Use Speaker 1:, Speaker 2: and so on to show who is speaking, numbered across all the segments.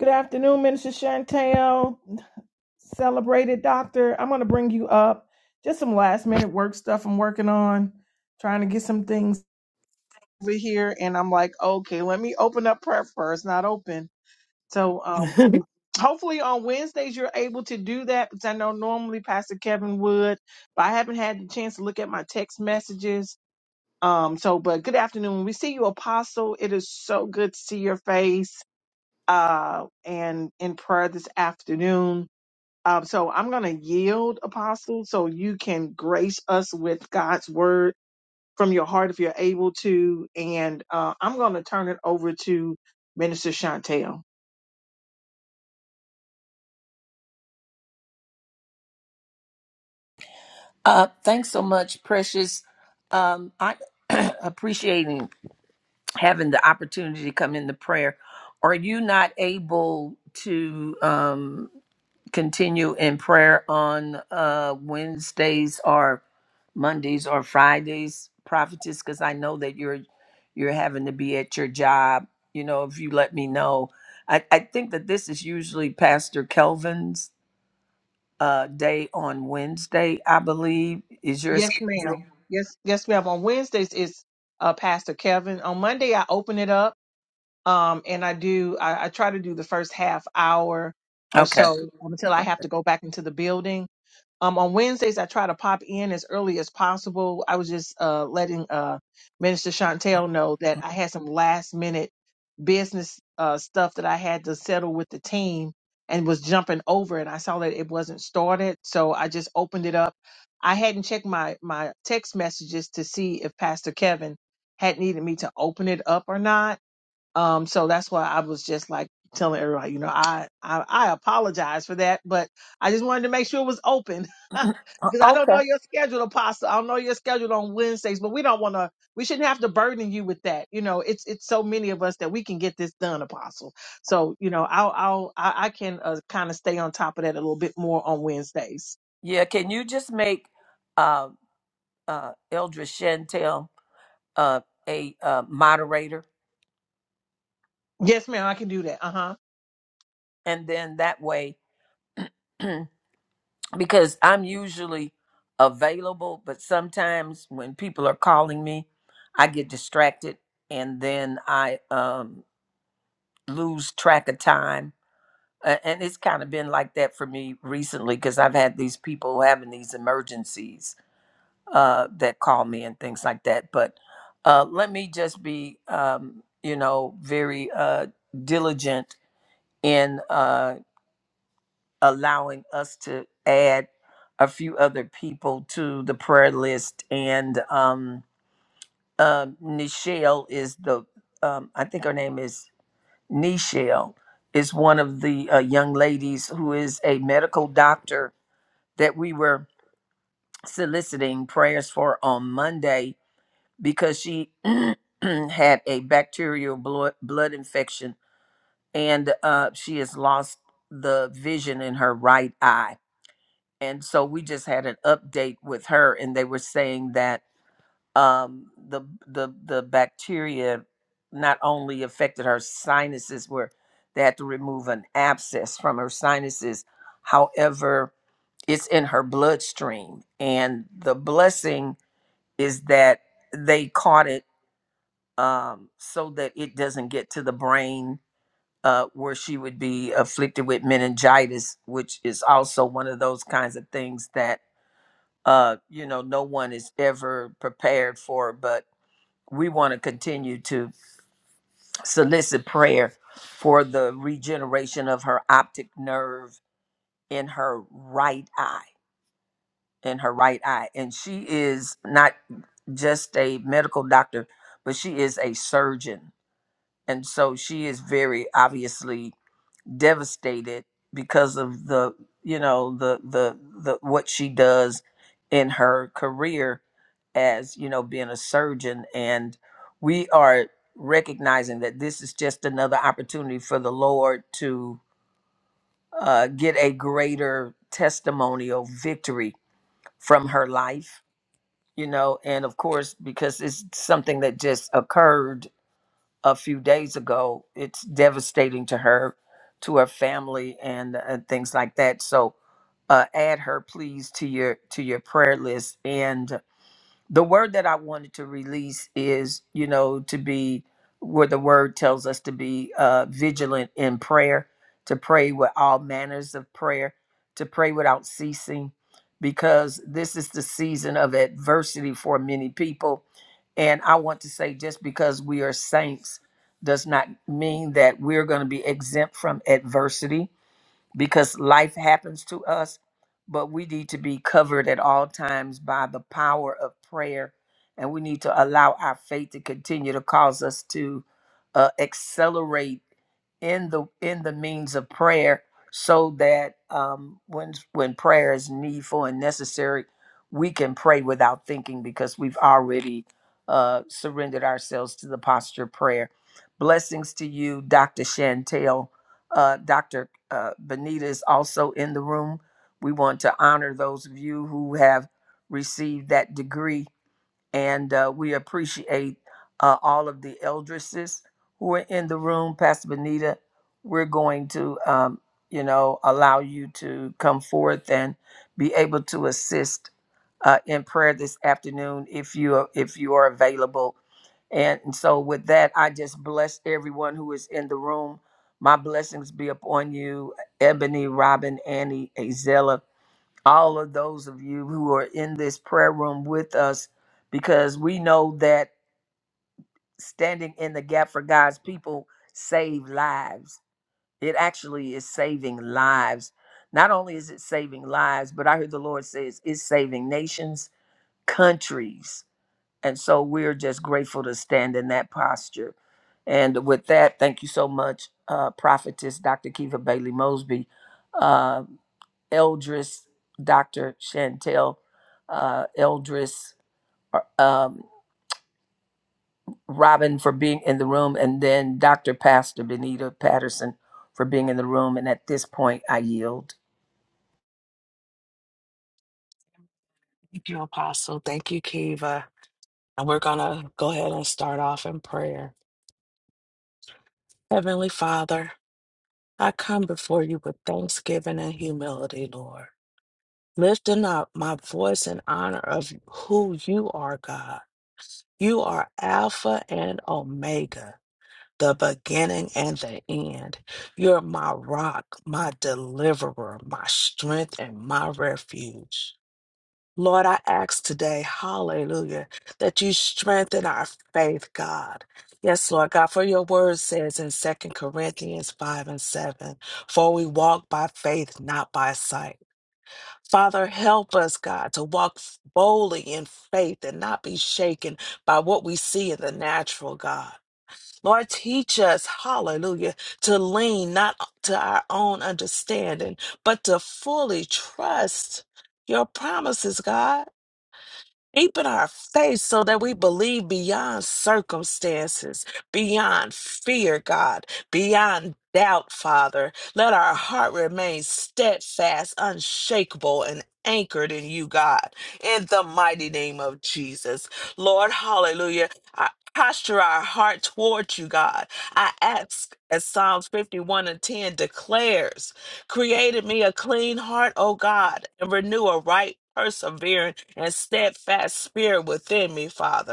Speaker 1: Good afternoon, Minister Chantel, celebrated doctor. I'm going to bring you up. Just some last minute work stuff I'm working on, trying to get some things over here. And I'm like, okay, let me open up prayer first, not open. So um,
Speaker 2: Thank
Speaker 1: hopefully on Wednesdays you're able to do that because I know normally Pastor Kevin would, but I haven't had the chance to look at my text messages. Um, so, but good afternoon. We see you, Apostle. It is so good to see your face uh, and in prayer this afternoon. Um, so I'm going to yield, Apostle, so you can grace us with God's word from your heart if you're able to. And uh, I'm going to turn it over to Minister Chantel.
Speaker 3: Uh, thanks so much, Precious. Um, I appreciating having the opportunity to come into prayer. Are you not able to um, continue in prayer on uh, Wednesdays or Mondays or Fridays, prophetess? Because I know that you're you're having to be at your job. You know, if you let me know, I, I think that this is usually Pastor Kelvin's uh, day on Wednesday. I believe is your
Speaker 1: Yes,
Speaker 3: schedule.
Speaker 1: ma'am. Yes, yes, ma'am. On Wednesdays, it's uh, Pastor Kevin. On Monday, I open it up um, and I do, I, I try to do the first half hour or
Speaker 3: Okay.
Speaker 1: so um, until I have to go back into the building Um, on Wednesdays, I try to pop in as early as possible. I was just uh, letting uh, Minister Chantel know that I had some last minute business uh, stuff that I had to settle with the team and was jumping over and I saw that it wasn't started. So I just opened it up. I hadn't checked my, my text messages to see if Pastor Kevin had needed me to open it up or not um, so that's why I was just like telling everybody, you know, I, I, I apologize for that, but I just wanted to make sure it was open because I don't
Speaker 3: Okay.
Speaker 1: know your schedule, Apostle. I don't know your schedule on Wednesdays, but we don't want to, we shouldn't have to burden you with that. You know, it's, it's so many of us that we can get this done, Apostle. So, you know, I'll, I'll, I, I can uh, kind of stay on top of that a little bit more on Wednesdays.
Speaker 3: Yeah. Can you just make uh, uh, Eldra Chantel uh, a uh, moderator,
Speaker 1: Yes, ma'am. I can do that. Uh huh.
Speaker 3: and then that way, because I'm usually available, but sometimes when people are calling me, I get distracted, and then I um, lose track of time. Uh, and it's kind of been like that for me recently because I've had these people having these emergencies uh, that call me and things like that. But uh, let me just be, um, you know, very uh, diligent in uh, allowing us to add a few other people to the prayer list. And um, uh, Nichelle is the, um, I think her name is Nichelle, is one of the uh, young ladies who is a medical doctor that we were soliciting prayers for on Monday because she had a bacterial blood, blood infection and uh, she has lost the vision in her right eye. And so we just had an update with her, and they were saying that um, the the the bacteria not only affected her sinuses, where they had to remove an abscess from her sinuses. However, it's in her bloodstream, and the blessing is that they caught it um, so that it doesn't get to the brain uh, where she would be afflicted with meningitis, which is also one of those kinds of things that uh, you know no one is ever prepared for. But we want to continue to solicit prayer for the regeneration of her optic nerve in her right eye. In her right eye, and she is not just a medical doctor, but she is a surgeon, and so she is very obviously devastated because of the you know the the the what she does in her career as you know being a surgeon and we are recognizing that this is just another opportunity for the lord to uh, get a greater testimonial victory from her life you know and of course because it's something that just occurred a few days ago. It's devastating to her, to her family, and, and things like that. So, uh, add her, please, to your to your prayer list. And the word that I wanted to release is, you know, to be where the word tells us to be uh, vigilant in prayer, to pray with all manners of prayer, to pray without ceasing, because this is the season of adversity for many people. And I want to say just because we are saints does not mean that we're going to be exempt from adversity because life happens to us, but we need to be covered at all times by the power of prayer. And we need to allow our faith to continue to cause us to uh, accelerate in the in the means of prayer so that um, when when prayer is needful and necessary, we can pray without thinking because we've already uh, surrendered ourselves to the posture of prayer. Blessings to you, Dr. Chantel uh, Dr. Uh, Benita is also in the room. We want to honor those of you who have received that degree and uh, we appreciate uh, all of the eldresses who are in the room. Pastor Benita, we're going to, um, you know, allow you to come forth and be able to assist uh, in prayer this afternoon if you are, if you are available. And so, with that, I just bless everyone who is in the room. My blessings be upon you, Ebony, Robin, Annie, Azella all of those of you who are in this prayer room with us because we know that standing in the gap for God's people save lives. It actually is saving lives. Not only is it saving lives, but I heard the Lord says it's saving nations, countries. And so we're just grateful to stand in that posture. And with that, thank you so much, uh, Prophetess Dr. Kiva Bailey Mosby. Uh, Eldris, Dr. Chantel uh, Eldris, uh, um, Robin for being in the room, and then Dr. Pastor Benita Patterson for being in the room. And at this point, I yield.
Speaker 2: you, Apostle. Thank you, Kiva. And we're going to go ahead and start off in prayer. Heavenly Father, I come before you with thanksgiving and humility, Lord, lifting up my voice in honor of who you are, God. You are Alpha and Omega, the beginning and the end. You're my rock, my deliverer, my strength, and my refuge. Lord, I ask today, hallelujah, that you strengthen our faith, God. Yes, Lord God, for your word says in Second Corinthians 5 and 7, for we walk by faith, not by sight. Father, help us, God, to walk boldly in faith and not be shaken by what we see in the natural, God. Lord, teach us, hallelujah, to lean not to our own understanding, but to fully trust your promises, God. Deep in our faith so that we believe beyond circumstances, beyond fear, God, beyond doubt, Father. Let our heart remain steadfast, unshakable, and anchored in you, God, in the mighty name of Jesus. Lord, hallelujah. I posture our heart towards you, God. I ask, as Psalms 51 and 10 declares. Created me a clean heart, O God, and renew a right, persevering, and steadfast spirit within me, Father.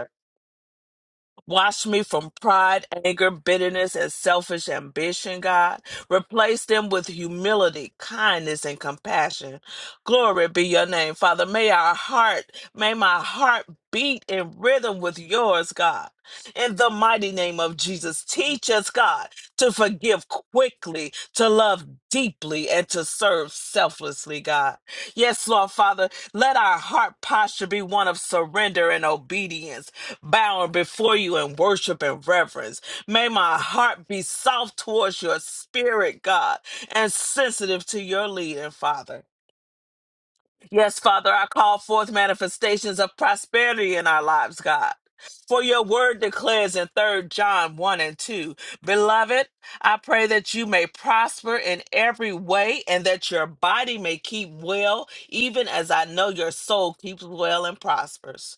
Speaker 2: Wash me from pride, anger, bitterness, and selfish ambition, God. Replace them with humility, kindness, and compassion. Glory be your name, Father. May our heart, may my heart beat in rhythm with yours, God. In the mighty name of Jesus, teach us, God, to forgive quickly, to love deeply, and to serve selflessly, God. Yes, Lord, Father, let our heart posture be one of surrender and obedience bowing before you in worship and reverence. May my heart be soft towards your spirit, God, and sensitive to your leading, Father. Yes, Father, I call forth manifestations of prosperity in our lives, God. For your word declares in Third John 1 and 2, Beloved, I pray that you may prosper in every way and that your body may keep well, even as I know your soul keeps well and prospers.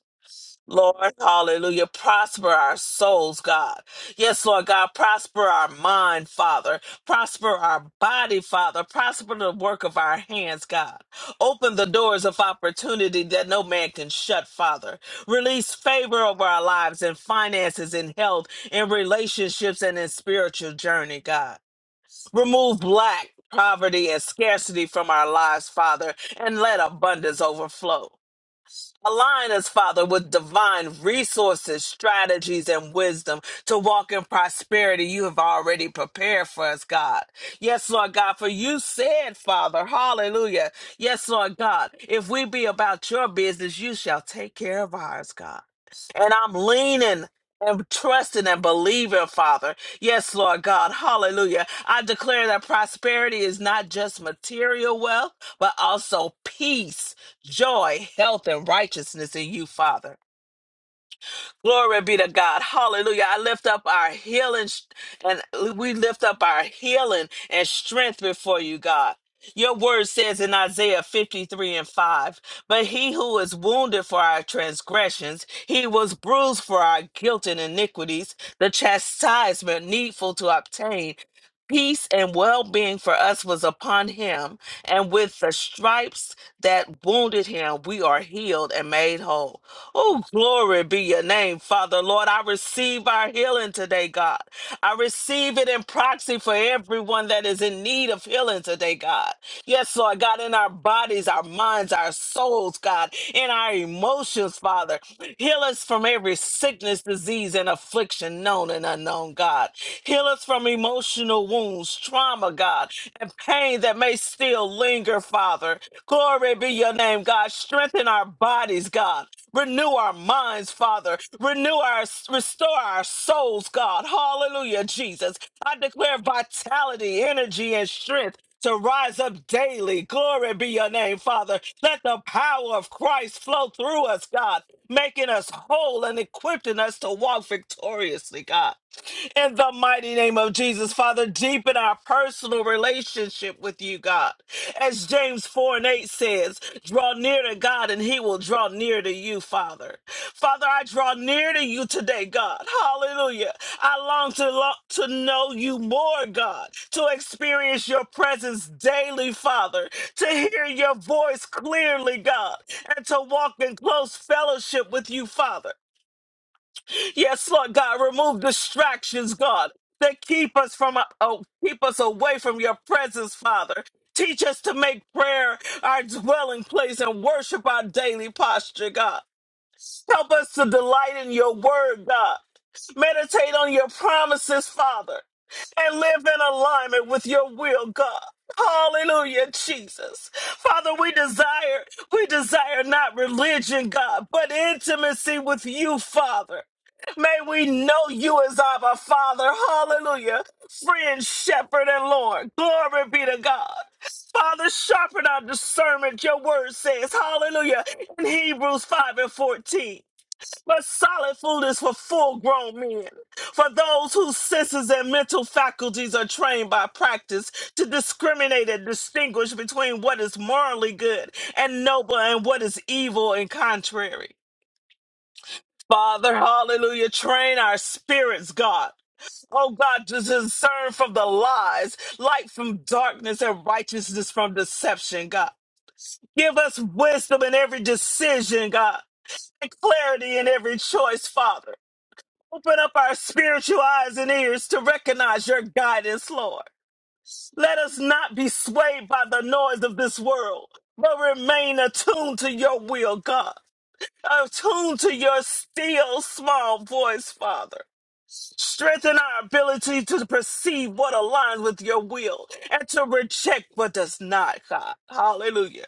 Speaker 2: Lord, hallelujah. Prosper our souls, God. Yes, Lord God, prosper our mind, Father. Prosper our body, Father. Prosper the work of our hands, God. Open the doors of opportunity that no man can shut, Father. Release favor over our lives and finances and health and relationships and in spiritual journey, God. Remove lack, poverty, and scarcity from our lives, Father, and let abundance overflow. Align us, Father, with divine resources, strategies, and wisdom to walk in prosperity you have already prepared for us, God. Yes, Lord God, for you said, Father, hallelujah. Yes, Lord God, if we be about your business, you shall take care of ours, God. And I'm leaning and trusting and believing, Father. Yes, Lord God. Hallelujah. I declare that prosperity is not just material wealth, but also peace joy, health, and righteousness in you, Father. Glory be to God. Hallelujah. I lift up our healing sh- and we lift up our healing and strength before you, God. Your word says in Isaiah 53 and 5, but he who is wounded for our transgressions, he was bruised for our guilt and iniquities, the chastisement needful to obtain peace and well being for us was upon him, and with the stripes that wounded him, we are healed and made whole. Oh, glory be your name, Father. Lord, I receive our healing today, God. I receive it in proxy for everyone that is in need of healing today, God. Yes, Lord, God, in our bodies, our minds, our souls, God, in our emotions, Father. Heal us from every sickness, disease, and affliction known and unknown, God. Heal us from emotional wounds, trauma, God, and pain that may still linger, Father. Glory be your your name, God. Strengthen our bodies, God. Renew our minds, Father. Renew our, restore our souls, God. Hallelujah, Jesus. I declare vitality, energy, and strength to rise up daily. Glory be your name, Father. Let the power of Christ flow through us, God, making us whole and equipping us to walk victoriously, God in the mighty name of Jesus. Father, deepen our personal relationship with you, God. As James 4 and 8 says, draw near to God and he will draw near to you, Father. Father, I draw near to you today, God. Hallelujah. I long to, lo- to know you more, God, to experience your presence daily, Father, to hear your voice clearly, God, and to walk in close fellowship with you, Father. Yes, Lord God, remove distractions, God, that keep us from uh, oh, keep us away from your presence, Father. Teach us to make prayer our dwelling place and worship our daily posture, God. Help us to delight in your word, God. Meditate on your promises, Father, and live in alignment with your will, God. Hallelujah, Jesus. Father, we desire, we desire not religion, God, but intimacy with you, Father. May we know you as our Father. Hallelujah. Friend, shepherd, and Lord. Glory be to God. Father, sharpen our discernment. Your word says, Hallelujah in Hebrews 5 and 14. But solid food is for full grown men, for those whose senses and mental faculties are trained by practice to discriminate and distinguish between what is morally good and noble and what is evil and contrary. Father, hallelujah, train our spirits, God. Oh God, to discern from the lies, light from darkness, and righteousness from deception, God. Give us wisdom in every decision, God clarity in every choice, Father. Open up our spiritual eyes and ears to recognize your guidance, Lord. Let us not be swayed by the noise of this world, but remain attuned to your will, God. Attuned to your still small voice, Father. Strengthen our ability to perceive what aligns with your will and to reject what does not, God. Hallelujah.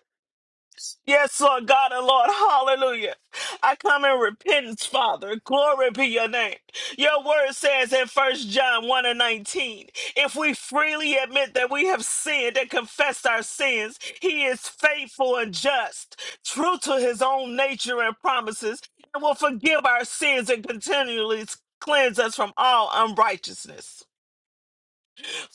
Speaker 2: Yes, Lord God and Lord, hallelujah. I come in repentance, Father. Glory be your name. Your word says in First John 1 and 19, if we freely admit that we have sinned and confessed our sins, he is faithful and just, true to his own nature and promises, and will forgive our sins and continually cleanse us from all unrighteousness.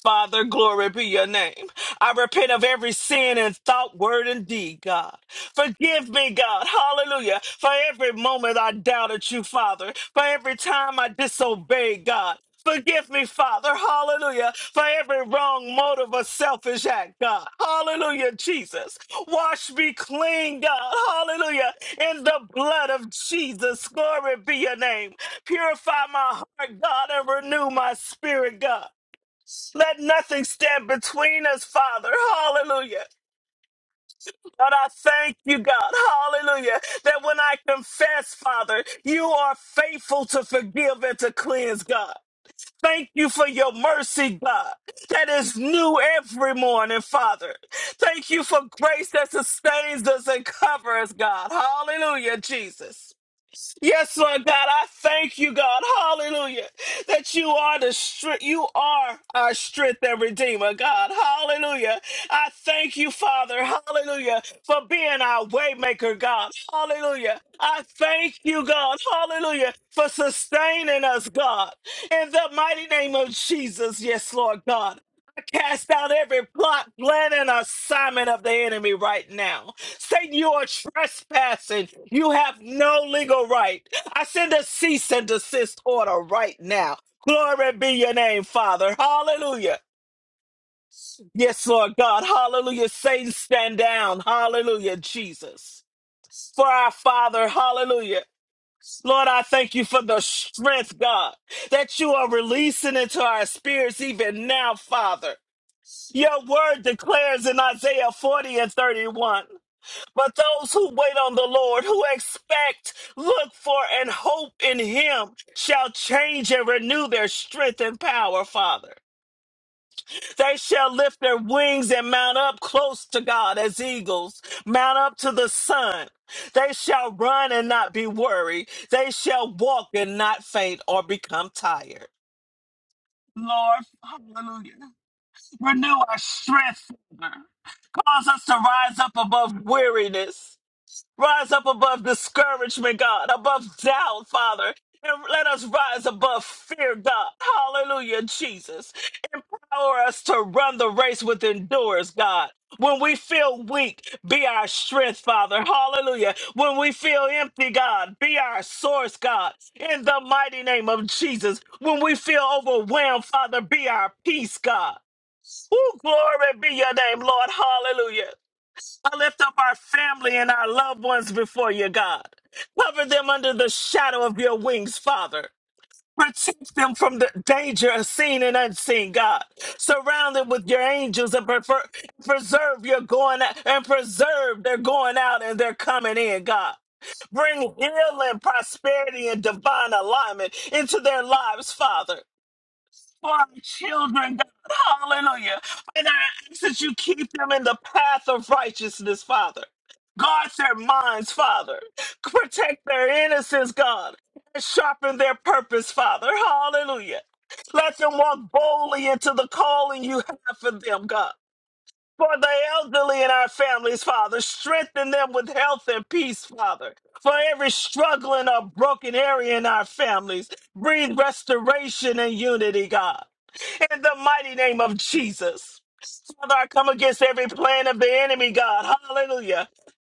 Speaker 2: Father, glory be your name. I repent of every sin in thought, word, and deed, God. Forgive me, God. Hallelujah. For every moment I doubted you, Father. For every time I disobeyed, God. Forgive me, Father, hallelujah, for every wrong motive or selfish act, God. Hallelujah, Jesus. Wash me clean, God, hallelujah, in the blood of Jesus. Glory be your name. Purify my heart, God, and renew my spirit, God. Let nothing stand between us, Father. Hallelujah. God, I thank you, God. Hallelujah. That when I confess, Father, you are faithful to forgive and to cleanse, God. Thank you for your mercy, God, that is new every morning, Father. Thank you for grace that sustains us and covers, God. Hallelujah, Jesus. Yes, Lord God, I thank you, God, hallelujah, that you are the strength, you are our strength and redeemer, God, hallelujah. I thank you, Father, hallelujah, for being our waymaker, God, hallelujah. I thank you, God, hallelujah, for sustaining us, God, in the mighty name of Jesus, yes, Lord God. I cast out every plot, plan, and assignment of the enemy right now. Satan, you are trespassing. You have no legal right. I send a cease and desist order right now. Glory be your name, Father. Hallelujah. Yes, Lord God. Hallelujah. Satan, stand down. Hallelujah, Jesus. For our Father, hallelujah. Lord, I thank you for the strength, God, that you are releasing into our spirits even now, Father. Your word declares in Isaiah 40 and 31. But those who wait on the Lord, who expect, look for, and hope in Him, shall change and renew their strength and power, Father. They shall lift their wings and mount up close to God as eagles, mount up to the sun. They shall run and not be weary. They shall walk and not faint or become tired. Lord, hallelujah. Renew our strength, Father. Cause us to rise up above weariness. Rise up above discouragement, God, above doubt, Father. And let us rise above fear, God. Hallelujah, Jesus. Power us to run the race with endurance, God. When we feel weak, be our strength, Father. Hallelujah. When we feel empty, God, be our source, God. In the mighty name of Jesus. When we feel overwhelmed, Father, be our peace, God. Ooh, glory be your name, Lord. Hallelujah. I lift up our family and our loved ones before you, God. Cover them under the shadow of your wings, Father. Protect them from the danger seen and unseen, God. Surround them with your angels and prefer- preserve your going out and preserve their going out and their coming in, God. Bring healing, prosperity, and divine alignment into their lives, Father for our children, God. Hallelujah. And I ask that you keep them in the path of righteousness, Father. Guard their minds, Father. Protect their innocence, God. And sharpen their purpose, Father. Hallelujah. Let them walk boldly into the calling you have for them, God. For the elderly in our families, Father, strengthen them with health and peace, Father. For every struggling or broken area in our families, breathe restoration and unity, God. In the mighty name of Jesus. Father, I come against every plan of the enemy, God. Hallelujah.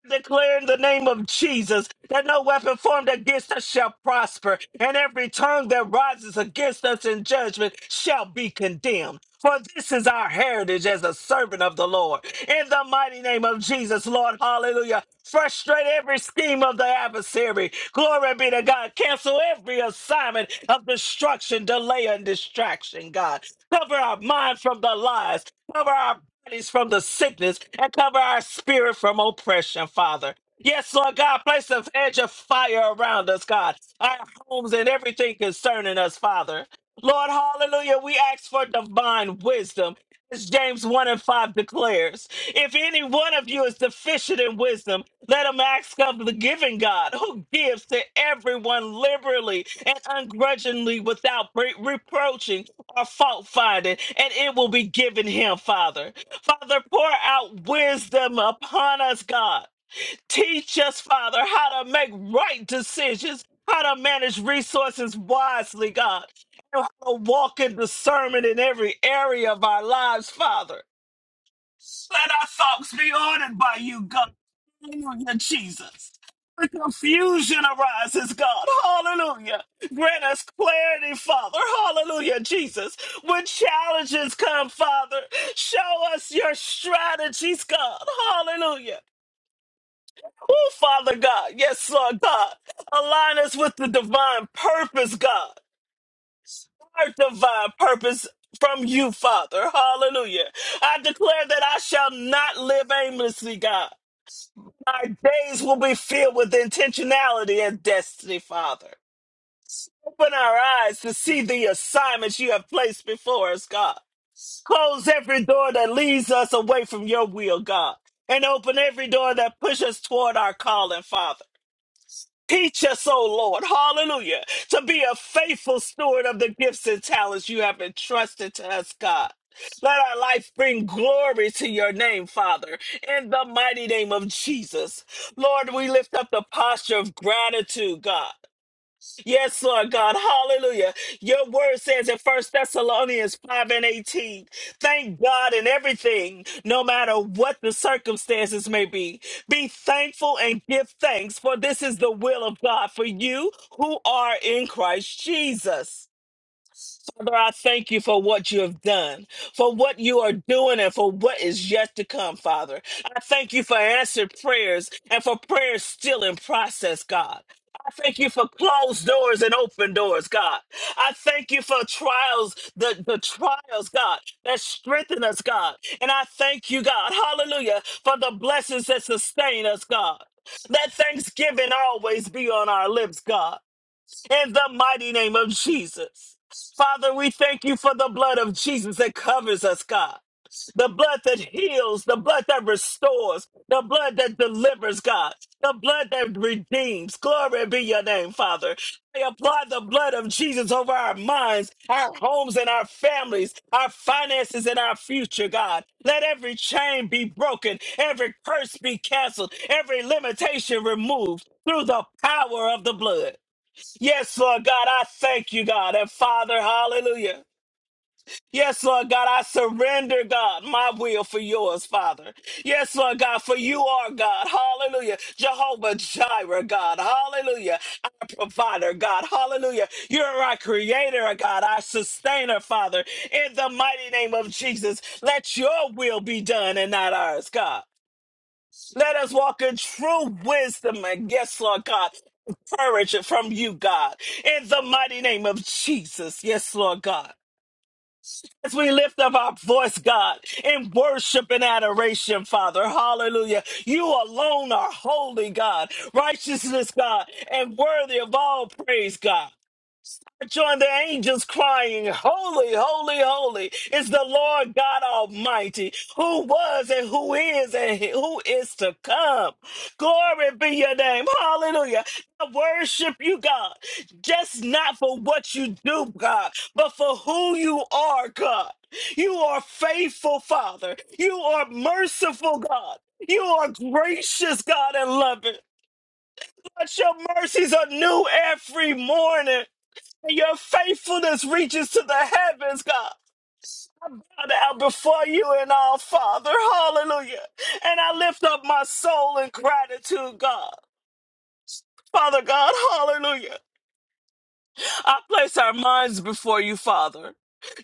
Speaker 2: Declare in the name of Jesus that no weapon formed against us shall prosper, and every tongue that rises against us in judgment shall be condemned. For this is our heritage as a servant of the Lord. In the mighty name of Jesus, Lord, hallelujah. Frustrate every scheme of the adversary. Glory be to God. Cancel every assignment of destruction, delay, and distraction, God. Cover our mind from the lies. Cover our bodies from the sickness and cover our spirit from oppression, Father. Yes, Lord God, place a edge of fire around us, God, our homes and everything concerning us, Father. Lord, hallelujah, we ask for divine wisdom. As James 1 and 5 declares, if any one of you is deficient in wisdom, let him ask of the giving God, who gives to everyone liberally and ungrudgingly without re- reproaching or fault finding, and it will be given him, Father. Father, pour out wisdom upon us, God. Teach us, Father, how to make right decisions, how to manage resources wisely, God, and how to walk in discernment in every area of our lives, Father. Let our thoughts be ordered by you, God. Hallelujah, Jesus. Where confusion arises, God. Hallelujah. Grant us clarity, Father. Hallelujah, Jesus. When challenges come, Father, show us your strategies, God. Hallelujah. Oh, Father God. Yes, Lord God. Align us with the divine purpose, God. Our divine purpose from you, Father. Hallelujah. I declare that I shall not live aimlessly, God. Our days will be filled with intentionality and destiny, Father. Open our eyes to see the assignments you have placed before us, God. Close every door that leads us away from your will, God. And open every door that pushes us toward our calling, Father. Teach us, oh Lord, hallelujah, to be a faithful steward of the gifts and talents you have entrusted to us, God. Let our life bring glory to your name, Father, in the mighty name of Jesus. Lord, we lift up the posture of gratitude, God. Yes, Lord God. Hallelujah. Your word says in First Thessalonians 5 and 18, thank God in everything, no matter what the circumstances may be. Be thankful and give thanks, for this is the will of God for you who are in Christ Jesus. Father, I thank you for what you have done, for what you are doing, and for what is yet to come, Father. I thank you for answered prayers and for prayers still in process, God. I thank you for closed doors and open doors, God. I thank you for trials, the, the trials, God, that strengthen us, God. And I thank you, God, hallelujah, for the blessings that sustain us, God. Let thanksgiving always be on our lips, God in the mighty name of Jesus. Father, we thank you for the blood of Jesus that covers us, God. The blood that heals, the blood that restores, the blood that delivers, God, the blood that redeems. Glory be your name, Father. I apply the blood of Jesus over our minds, our homes, and our families, our finances, and our future, God. Let every chain be broken, every curse be canceled, every limitation removed through the power of the blood. Yes, Lord God, I thank you, God, and Father, hallelujah. Yes, Lord God, I surrender, God, my will for yours, Father. Yes, Lord God, for you are God, hallelujah. Jehovah Jireh, God, hallelujah. Our provider, God, hallelujah. You're our creator, God, our sustainer, Father. In the mighty name of Jesus, let your will be done and not ours, God. Let us walk in true wisdom and yes, Lord God, courage from you, God, in the mighty name of Jesus. Yes, Lord God. As we lift up our voice, God, in worship and adoration, Father, hallelujah. You alone are holy, God, righteousness, God, and worthy of all praise, God join the angels crying, Holy, holy, holy is the Lord God Almighty, who was and who is and who is to come. Glory be your name. Hallelujah. I worship you, God, just not for what you do, God, but for who you are, God. You are faithful, Father. You are merciful, God. You are gracious, God, and loving. But your mercies are new every morning. And your faithfulness reaches to the heavens, God. I bow down before you and our Father. Hallelujah. And I lift up my soul in gratitude, God. Father God, hallelujah. I place our minds before you, Father.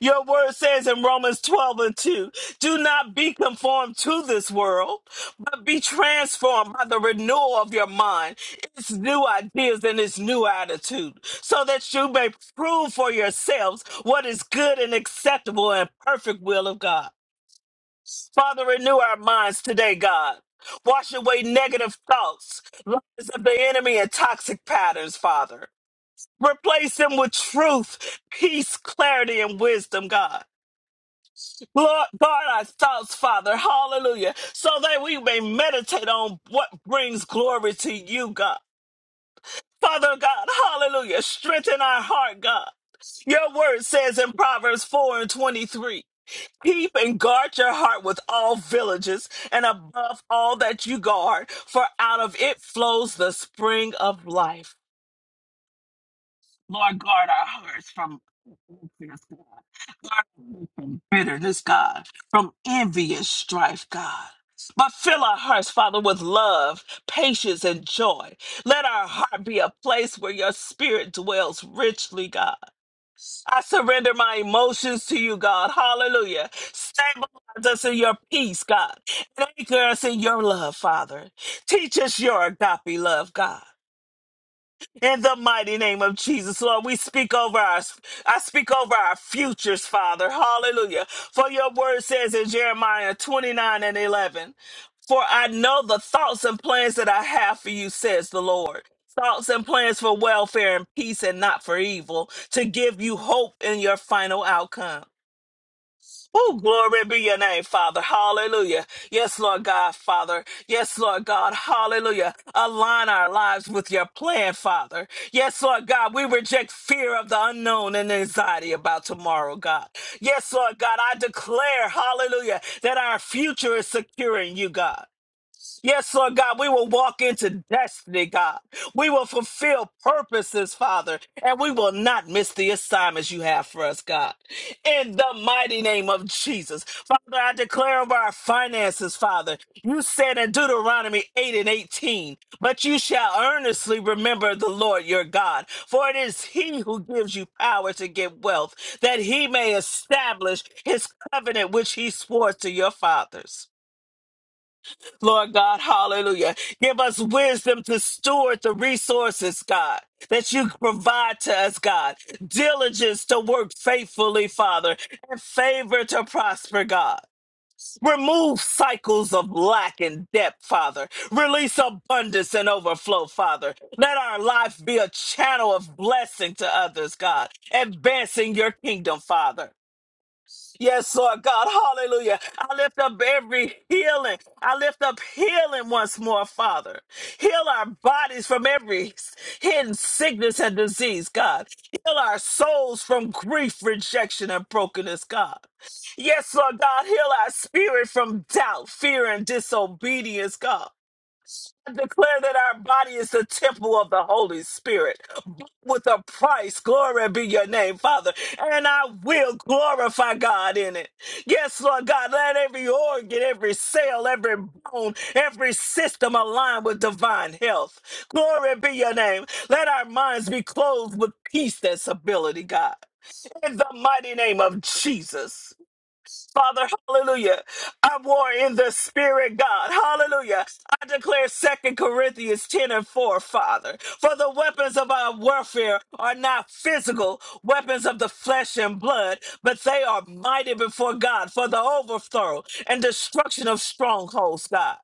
Speaker 2: Your word says in Romans 12 and 2 do not be conformed to this world, but be transformed by the renewal of your mind, its new ideas and its new attitude, so that you may prove for yourselves what is good and acceptable and perfect will of God. Father, renew our minds today, God. Wash away negative thoughts, lies of the enemy, and toxic patterns, Father. Replace him with truth, peace, clarity, and wisdom, God. Lord, guard our thoughts, Father. Hallelujah. So that we may meditate on what brings glory to you, God. Father God, hallelujah. Strengthen our heart, God. Your word says in Proverbs 4 and 23 Keep and guard your heart with all villages and above all that you guard, for out of it flows the spring of life. Lord, guard our hearts from bitterness, God. Guard our hearts from bitterness, God, from envious strife, God. But fill our hearts, Father, with love, patience, and joy. Let our heart be a place where your spirit dwells richly, God. I surrender my emotions to you, God. Hallelujah. Stabilize us in your peace, God. And anchor us in your love, Father. Teach us your agape love, God. In the mighty name of Jesus, Lord, we speak over our, I speak over our futures, Father. Hallelujah. For your word says in Jeremiah 29 and 11, for I know the thoughts and plans that I have for you, says the Lord. Thoughts and plans for welfare and peace and not for evil, to give you hope in your final outcome. Oh, glory be your name, Father. Hallelujah. Yes, Lord God, Father. Yes, Lord God. Hallelujah. Align our lives with your plan, Father. Yes, Lord God, we reject fear of the unknown and anxiety about tomorrow, God. Yes, Lord God, I declare, hallelujah, that our future is secure in you, God. Yes, Lord God, we will walk into destiny, God. We will fulfill purposes, Father, and we will not miss the assignments you have for us, God. In the mighty name of Jesus. Father, I declare over our finances, Father. You said in Deuteronomy 8 and 18, but you shall earnestly remember the Lord your God, for it is he who gives you power to get wealth, that he may establish his covenant which he swore to your fathers. Lord God, hallelujah. Give us wisdom to steward the resources, God, that you provide to us, God. Diligence to work faithfully, Father, and favor to prosper, God. Remove cycles of lack and debt, Father. Release abundance and overflow, Father. Let our life be a channel of blessing to others, God, advancing your kingdom, Father. Yes, Lord God. Hallelujah. I lift up every healing. I lift up healing once more, Father. Heal our bodies from every hidden sickness and disease, God. Heal our souls from grief, rejection, and brokenness, God. Yes, Lord God. Heal our spirit from doubt, fear, and disobedience, God. I declare that our body is the temple of the Holy Spirit bought with a price. Glory be your name, Father. And I will glorify God in it. Yes, Lord God, let every organ, every cell, every bone, every system align with divine health. Glory be your name. Let our minds be clothed with peace and stability, God. In the mighty name of Jesus. Father, hallelujah. I war in the spirit, God. Hallelujah. I declare Second Corinthians 10 and 4, Father. For the weapons of our warfare are not physical weapons of the flesh and blood, but they are mighty before God for the overthrow and destruction of strongholds, God.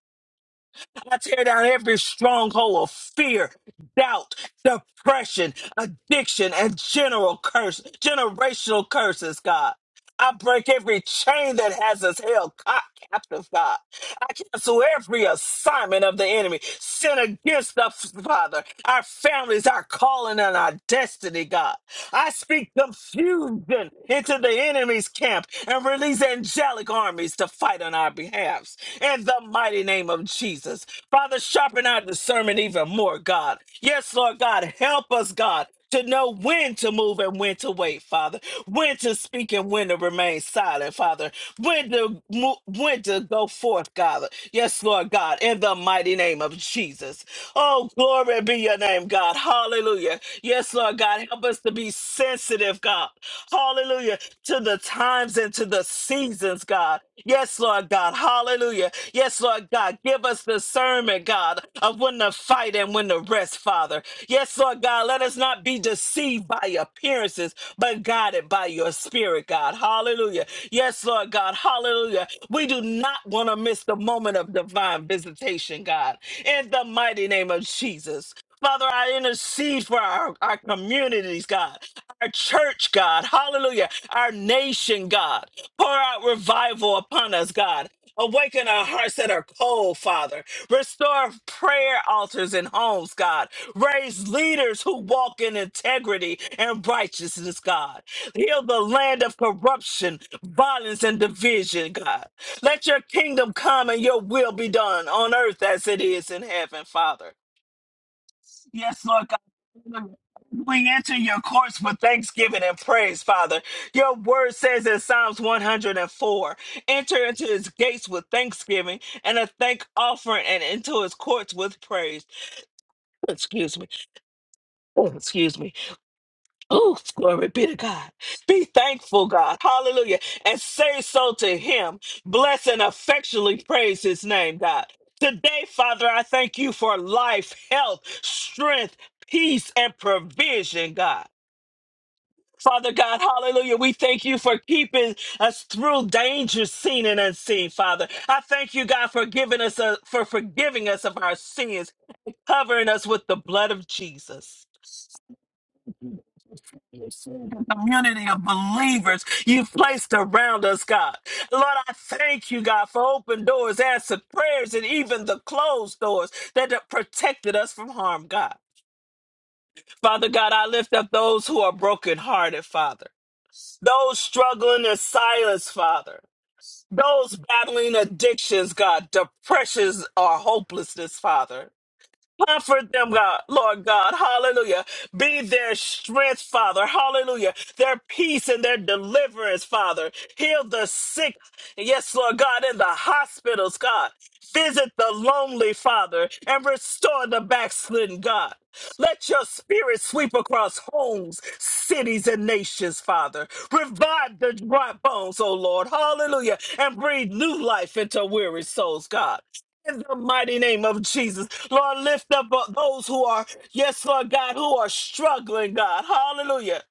Speaker 2: I tear down every stronghold of fear, doubt, depression, addiction, and general curse, generational curses, God. I break every chain that has us held co- captive, God. I cancel every assignment of the enemy sent against us, Father, our families, our calling, and our destiny, God. I speak confusion into the enemy's camp and release angelic armies to fight on our behalves. In the mighty name of Jesus. Father, sharpen our discernment even more, God. Yes, Lord God, help us, God to know when to move and when to wait, Father, when to speak and when to remain silent, Father, when to mo- when to go forth, God. Yes, Lord God, in the mighty name of Jesus. Oh, glory be your name, God. Hallelujah. Yes, Lord God, help us to be sensitive, God. Hallelujah. To the times and to the seasons, God. Yes, Lord God. Hallelujah. Yes, Lord God. Give us discernment, God, of when to fight and when to rest, Father. Yes, Lord God. Let us not be deceived by appearances, but guided by your spirit, God. Hallelujah. Yes, Lord God. Hallelujah. We do not want to miss the moment of divine visitation, God. In the mighty name of Jesus. Father, I intercede for our, our communities, God our church, God. Hallelujah. Our nation, God. Pour out revival upon us, God. Awaken our hearts that are cold, Father. Restore prayer altars and homes, God. Raise leaders who walk in integrity and righteousness, God. Heal the land of corruption, violence, and division, God. Let your kingdom come and your will be done on earth as it is in heaven, Father. Yes, Lord God. We enter your courts with thanksgiving and praise, Father. Your word says in Psalms 104 enter into his gates with thanksgiving and a thank offering, and into his courts with praise. Excuse me. Oh, Excuse me. Oh, glory be to God. Be thankful, God. Hallelujah. And say so to him. Bless and affectionately praise his name, God. Today, Father, I thank you for life, health, strength, peace, and provision, God. Father God, hallelujah. We thank you for keeping us through danger seen and unseen, Father. I thank you, God, for giving us a, for forgiving us of our sins, covering us with the blood of Jesus. community of believers you've placed around us, God. Lord, I thank you, God, for open doors, answered prayers, and even the closed doors that have protected us from harm, God. Father God, I lift up those who are brokenhearted, Father. Those struggling in silence, Father. Those battling addictions, God, depressions or hopelessness, Father. Comfort them, God, Lord God, hallelujah. Be their strength, Father, hallelujah. Their peace and their deliverance, Father. Heal the sick, yes, Lord God, in the hospitals, God. Visit the lonely, Father, and restore the backslidden, God. Let your spirit sweep across homes, cities, and nations, Father. Revive the dry bones, O Lord. Hallelujah. And breathe new life into weary souls, God. In the mighty name of Jesus, Lord, lift up uh, those who are, yes, Lord God, who are struggling, God. Hallelujah.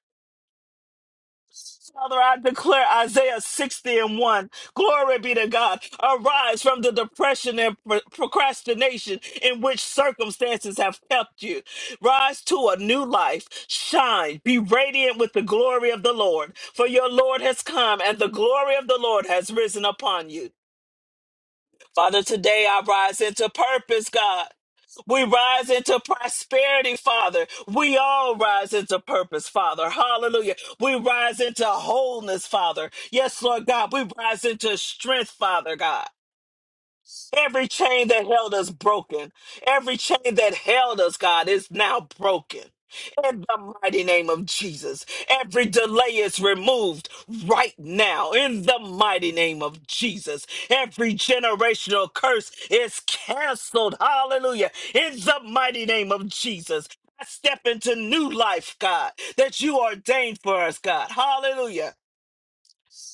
Speaker 2: Father, I declare Isaiah 60 and 1. Glory be to God. Arise from the depression and pro- procrastination in which circumstances have kept you. Rise to a new life. Shine. Be radiant with the glory of the Lord. For your Lord has come and the glory of the Lord has risen upon you. Father, today I rise into purpose, God. We rise into prosperity, Father. We all rise into purpose, Father. Hallelujah. We rise into wholeness, Father. Yes, Lord God. We rise into strength, Father God. Every chain that held us broken. Every chain that held us, God, is now broken. In the mighty name of Jesus, every delay is removed right now. In the mighty name of Jesus, every generational curse is canceled. Hallelujah. In the mighty name of Jesus, I step into new life, God, that you ordained for us, God. Hallelujah.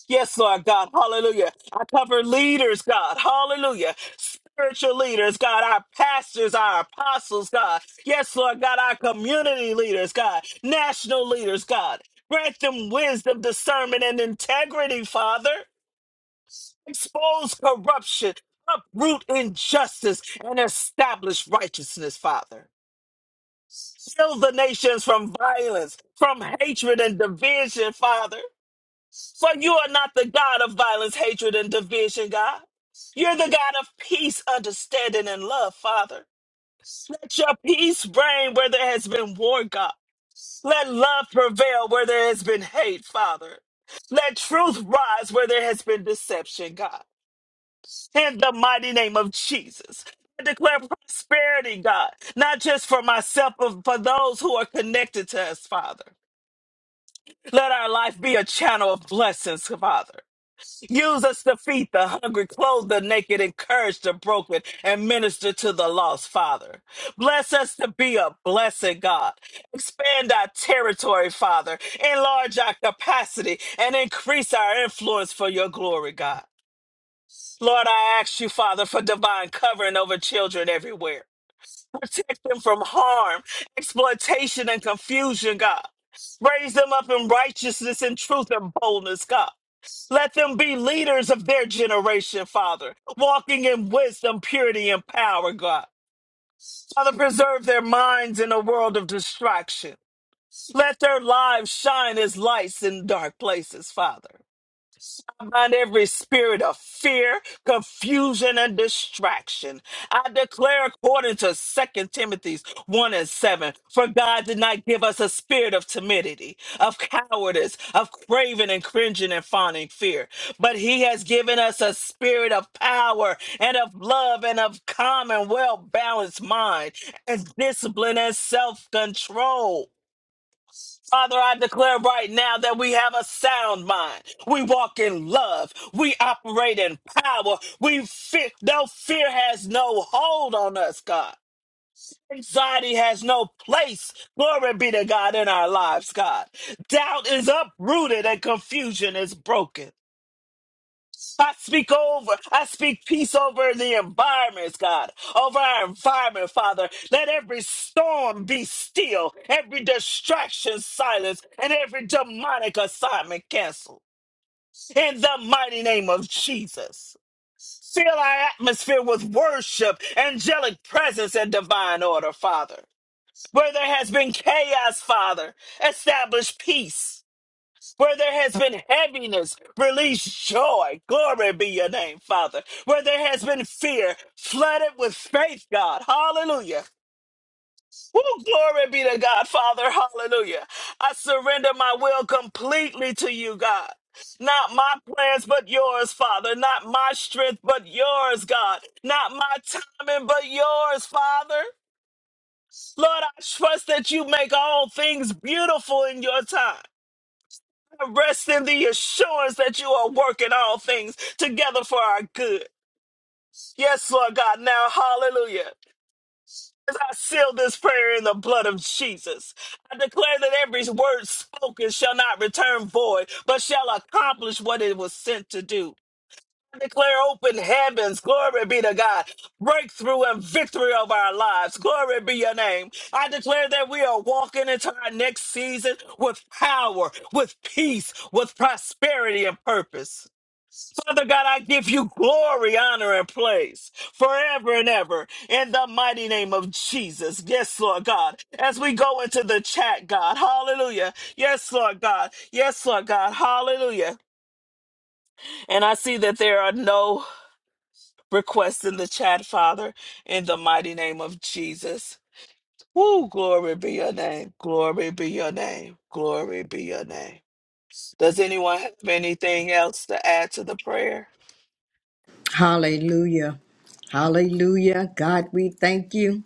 Speaker 2: Yes, Lord God. Hallelujah. I cover leaders, God. Hallelujah. Spiritual leaders, God. Our pastors, our apostles, God. Yes, Lord God. Our community leaders, God. National leaders, God. Grant them wisdom, discernment, and integrity, Father. Expose corruption, uproot injustice, and establish righteousness, Father. Heal the nations from violence, from hatred and division, Father. For you are not the God of violence, hatred, and division, God. You're the God of peace, understanding, and love, Father. Let your peace reign where there has been war, God. Let love prevail where there has been hate, Father. Let truth rise where there has been deception, God. In the mighty name of Jesus. I declare prosperity, God, not just for myself, but for those who are connected to us, Father. Let our life be a channel of blessings, Father. Use us to feed the hungry, clothe the naked, encourage the broken, and minister to the lost, Father. Bless us to be a blessed God. Expand our territory, Father. Enlarge our capacity and increase our influence for your glory, God. Lord, I ask you, Father, for divine covering over children everywhere. Protect them from harm, exploitation, and confusion, God. Raise them up in righteousness and truth and boldness, God. Let them be leaders of their generation, Father, walking in wisdom, purity, and power, God. Father, preserve their minds in a world of distraction. Let their lives shine as lights in dark places, Father. I bind every spirit of fear, confusion, and distraction. I declare according to Second Timothy 1 and 7, for God did not give us a spirit of timidity, of cowardice, of craving and cringing and fawning fear, but he has given us a spirit of power and of love and of calm and well-balanced mind and discipline and self-control. Father, I declare right now that we have a sound mind. We walk in love. We operate in power. We fear, no fear has no hold on us, God. Anxiety has no place. Glory be to God in our lives, God. Doubt is uprooted and confusion is broken. I speak over, I speak peace over the environments, God, over our environment, Father. Let every storm be still, every distraction silenced, and every demonic assignment canceled. In the mighty name of Jesus. Fill our atmosphere with worship, angelic presence, and divine order, Father. Where there has been chaos, Father, establish peace. Where there has been heaviness, release joy. Glory be your name, Father. Where there has been fear, flood it with faith, God. Hallelujah. Woo, glory be to God, Father. Hallelujah. I surrender my will completely to you, God. Not my plans, but yours, Father. Not my strength, but yours, God. Not my timing, but yours, Father. Lord, I trust that you make all things beautiful in your time. Rest in the assurance that you are working all things together for our good. Yes, Lord God, now hallelujah. As I seal this prayer in the blood of Jesus, I declare that every word spoken shall not return void, but shall accomplish what it was sent to do declare open heavens. Glory be to God. Breakthrough and victory of our lives. Glory be your name. I declare that we are walking into our next season with power, with peace, with prosperity and purpose. Father God, I give you glory, honor, and praise forever and ever in the mighty name of Jesus. Yes, Lord God. As we go into the chat, God, hallelujah. Yes, Lord God. Yes, Lord God. Hallelujah. And I see that there are no request in the chat, Father, in the mighty name of Jesus. Woo, glory be your name. Glory be your name. Glory be your name. Does anyone have anything else to add to the prayer?
Speaker 4: Hallelujah. Hallelujah. God, we thank you.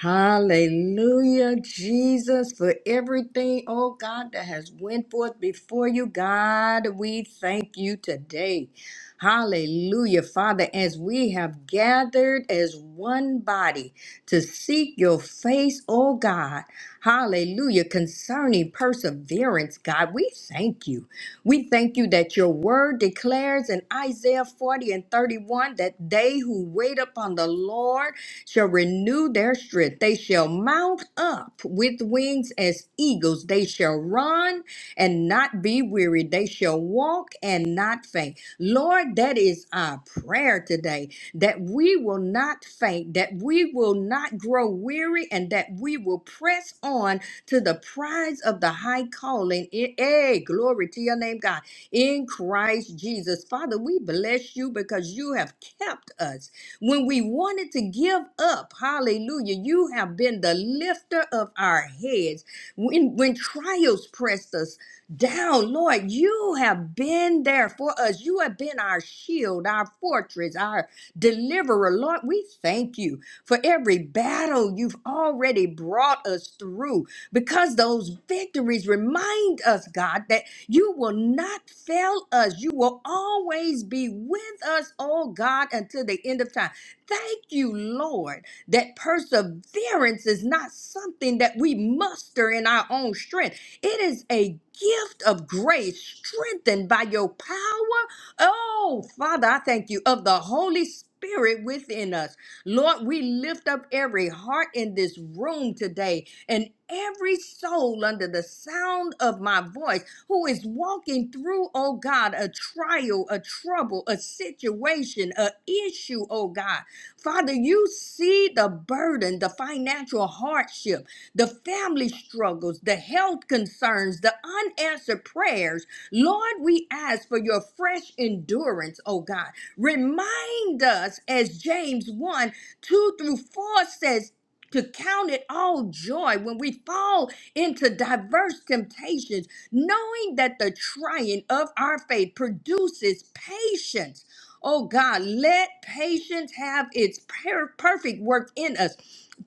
Speaker 4: Hallelujah, Jesus, for everything, oh God, that has went forth before you. God, we thank you today. Hallelujah, Father, as we have gathered as one body to seek your face, oh God. Hallelujah, concerning perseverance, God, we thank you. We thank you that your word declares in Isaiah 40 and 31 that they who wait upon the Lord shall renew their strength. They shall mount up with wings as eagles. They shall run and not be weary. They shall walk and not faint. Lord, that is our prayer today that we will not faint, that we will not grow weary, and that we will press on to the prize of the high calling. in- Hey, glory to your name, God, in Christ Jesus. Father, we bless you because you have kept us. When we wanted to give up, hallelujah, you have been the lifter of our heads. When, when trials pressed us down, Lord, you have been there for us. You have been our shield, our fortress, our deliverer. Lord, we thank you for every battle you've already brought us through because those victories remind us, God, that you will not fail us. You will always be with us, oh God, until the end of time. Thank you, Lord, that perseverance is not something that we muster in our own strength. It is a gift of grace strengthened by your power. Oh, Father, I thank you of the Holy Spirit within us. Lord, we lift up every heart in this room today and every soul under the sound of my voice who is walking through, oh God, a trial, a trouble, a situation, a issue, oh God. Father, you see the burden, the financial hardship, the family struggles, the health concerns, the unanswered prayers. Lord, we ask for your fresh endurance, oh God. Remind us, as James 1 2 through 4 says, to count it all joy when we fall into diverse temptations, knowing that the trying of our faith produces patience. Oh God, let patience have its per- perfect work in us.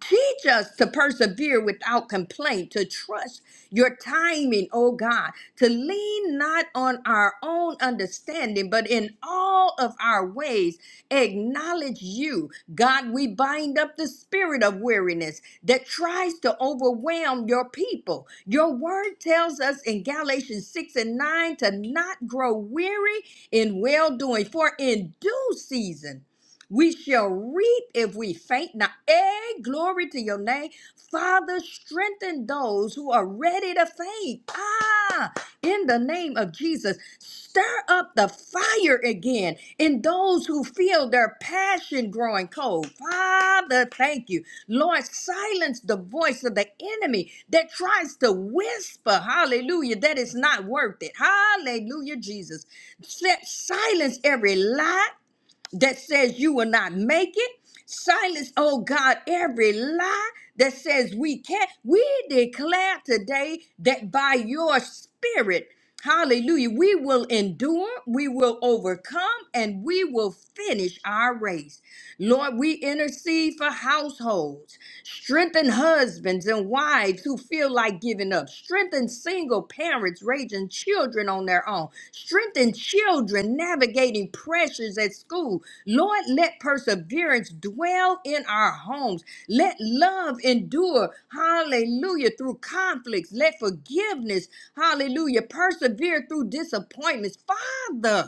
Speaker 4: Teach us to persevere without complaint, to trust your timing, oh God, to lean not on our own understanding, but in all of our ways acknowledge you. God, we bind up the spirit of weariness that tries to overwhelm your people. Your word tells us in Galatians 6 and 9 to not grow weary in well doing, for in due season we shall reap if we faint not. Hey, glory to your name. Father, strengthen those who are ready to faint. Ah, in the name of Jesus, stir up the fire again in those who feel their passion growing cold. Father, thank you. Lord, silence the voice of the enemy that tries to whisper, hallelujah, that it's not worth it. Hallelujah, Jesus. Set, silence every lie that says you will not make it. Silence, oh God, every lie that says we can't. We declare today that by your spirit, hallelujah, we will endure, we will overcome, and we will finish our race. Lord, we intercede for households. Strengthen husbands and wives who feel like giving up. Strengthen single parents raising children on their own. Strengthen children navigating pressures at school. Lord, let perseverance dwell in our homes. Let love endure, hallelujah, through conflicts. Let forgiveness, hallelujah, persevere through disappointments. Father,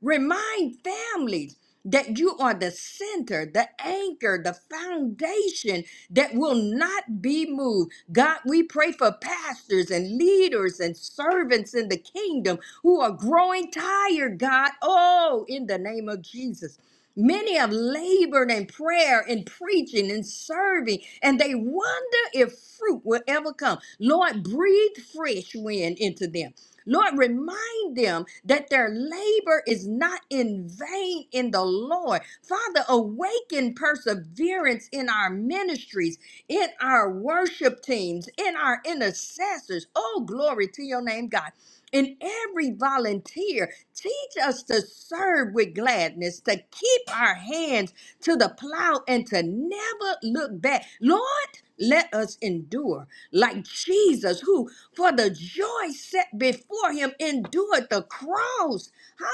Speaker 4: Remind families that you are the center, the anchor, the foundation that will not be moved. God, we pray for pastors and leaders and servants in the kingdom who are growing tired, God. Oh, in the name of Jesus. Many have labored in prayer and preaching and serving, and they wonder if fruit will ever come. Lord, breathe fresh wind into them. Lord, remind them that their labor is not in vain in the Lord. Father, awaken perseverance in our ministries, in our worship teams, in our intercessors. Oh, glory to your name, God. In every volunteer, teach us to serve with gladness, to keep our hands to the plow, and to never look back. Lord, let us endure like Jesus, who for the joy set before him endured the cross.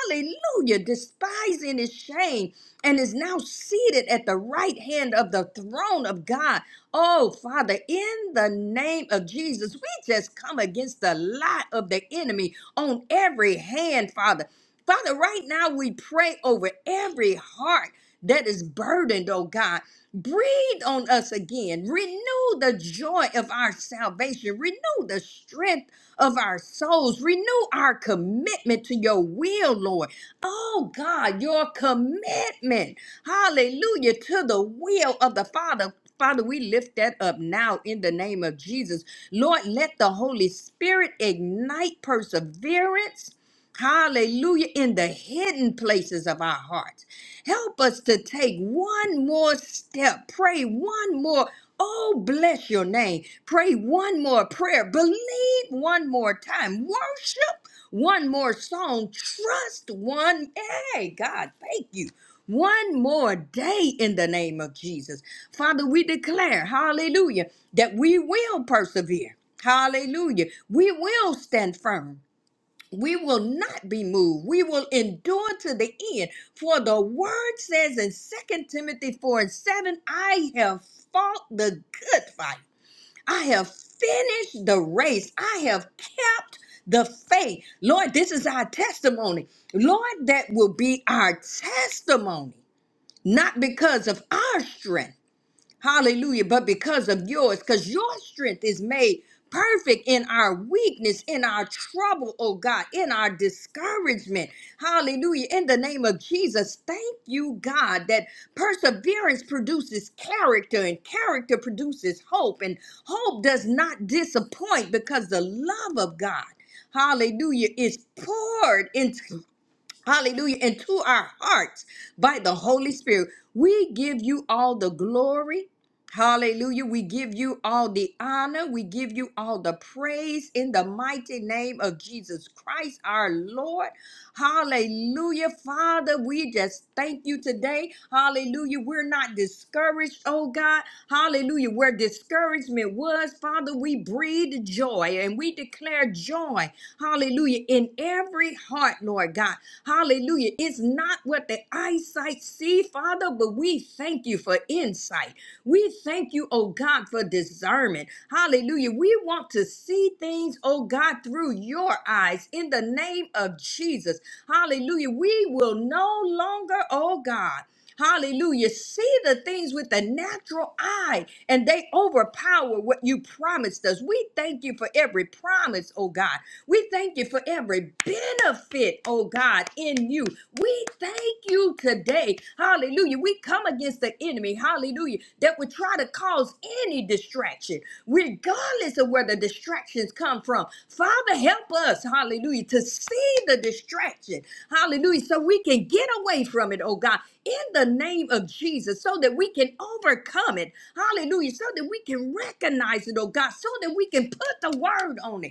Speaker 4: Hallelujah. Despising his shame and is now seated at the right hand of the throne of God. Oh, Father, in the name of Jesus, we just come against the lie of the enemy on every hand, Father. Father, right now we pray over every heart that is burdened, oh God. Breathe on us again. Renew the joy of our salvation. Renew the strength of our souls. Renew our commitment to your will, Lord. Oh God, your commitment. Hallelujah to the will of the Father. Father, we lift that up now in the name of Jesus. Lord, let the Holy Spirit ignite perseverance. Hallelujah in the hidden places of our hearts. Help us to take one more step, pray one more. Oh, bless your name. Pray one more prayer, believe one more time, worship one more song, trust one. Hey, God, thank you. One more day in the name of Jesus. Father, we declare, hallelujah, that we will persevere. Hallelujah. We will stand firm. We will not be moved. We will endure to the end. For the word says in Second Timothy 4 and 7, I have fought the good fight. I have finished the race. I have kept the faith. Lord, this is our testimony. Lord, that will be our testimony, not because of our strength Hallelujah. But because of yours, because your strength is made perfect in our weakness, in our trouble, oh God, in our discouragement. Hallelujah. In the name of Jesus, thank you, God, that perseverance produces character and character produces hope. And hope does not disappoint because the love of God. Hallelujah is poured into hallelujah, into our hearts by the Holy Spirit. We give you all the glory. Hallelujah. We give you all the honor. We give you all the praise in the mighty name of Jesus Christ, our Lord. Hallelujah. Father, we just thank you today. Hallelujah. We're not discouraged, oh God. Hallelujah. Where discouragement was, Father, we breathe joy and we declare joy. Hallelujah. In every heart, Lord God. Hallelujah. It's not what the eyesight see, Father, but we thank you for insight. We thank you, oh God, for discernment. Hallelujah. We want to see things, oh God, through your eyes in the name of Jesus. Hallelujah. We will no longer, oh God, Hallelujah. See the things with the natural eye, and they overpower what you promised us. We thank you for every promise, oh God. We thank you for every benefit, oh God, in you. We thank you today. Hallelujah. We come against the enemy, hallelujah, that would try to cause any distraction, regardless of where the distractions come from. Father, help us, hallelujah, to see the distraction, hallelujah, so we can get away from it, oh God, in the name of Jesus, so that we can overcome it, hallelujah, so that we can recognize it, oh God, so that we can put the word on it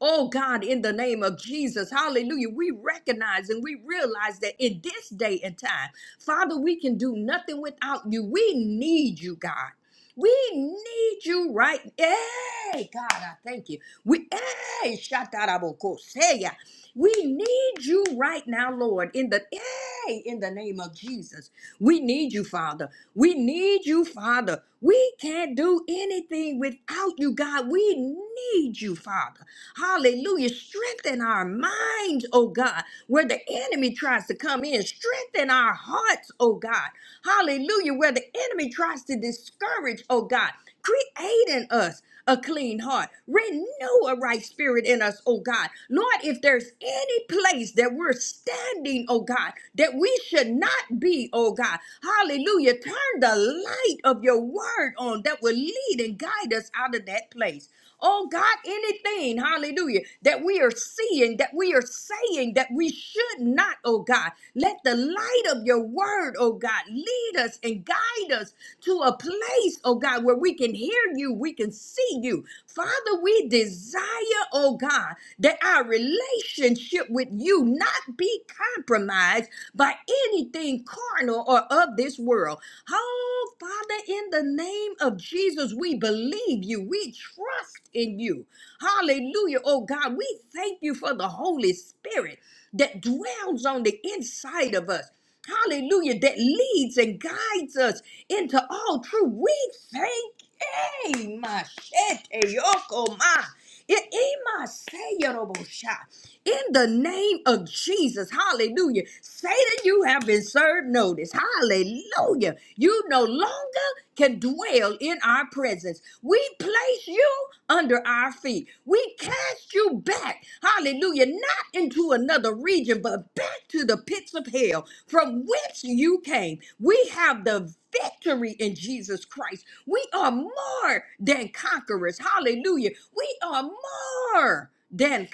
Speaker 4: Oh God, in the name of Jesus, hallelujah. We recognize and we realize that in this day and time, Father, we can do nothing without you. We need you, God. We need you right. Hey, God, I thank you. We hey, shatarabokosea. We need you right now, Lord, in the hey, in the name of Jesus. We need you, Father. We need you, Father. We can't do anything without you, God. We need you, Father. Hallelujah. Strengthen our minds, oh God, where the enemy tries to come in. Strengthen our hearts, oh God. Hallelujah. Where the enemy tries to discourage, oh God. Create in us a clean heart. Renew a right spirit in us, oh God. Lord, if there's any place that we're standing, oh God, that we should not be, oh God, hallelujah, turn the light of your word on that will lead and guide us out of that place. Oh God, anything, hallelujah, that we are seeing, that we are saying, that we should not, oh God, let the light of your word, oh God, lead us and guide us to a place, oh God, where we can hear you, we can see you. Father, we desire, oh God, that our relationship with you not be compromised by anything carnal or of this world. Oh, Father, in the name of Jesus, we believe you, we trust in you. Hallelujah, oh God, we thank you for the Holy Spirit that dwells on the inside of us hallelujah, that leads and guides us into all truth. We thank, hey, my shete, yoko, ma. It- in my say, Yorobosha in the name of Jesus. Hallelujah. Satan, you have been served notice. Hallelujah. You no longer can dwell in our presence. We place you under our feet. We cast you back. Hallelujah. Not into another region, but back to the pits of hell from whence you came. We have the victory in Jesus Christ. We are more than conquerors. Hallelujah. We are more than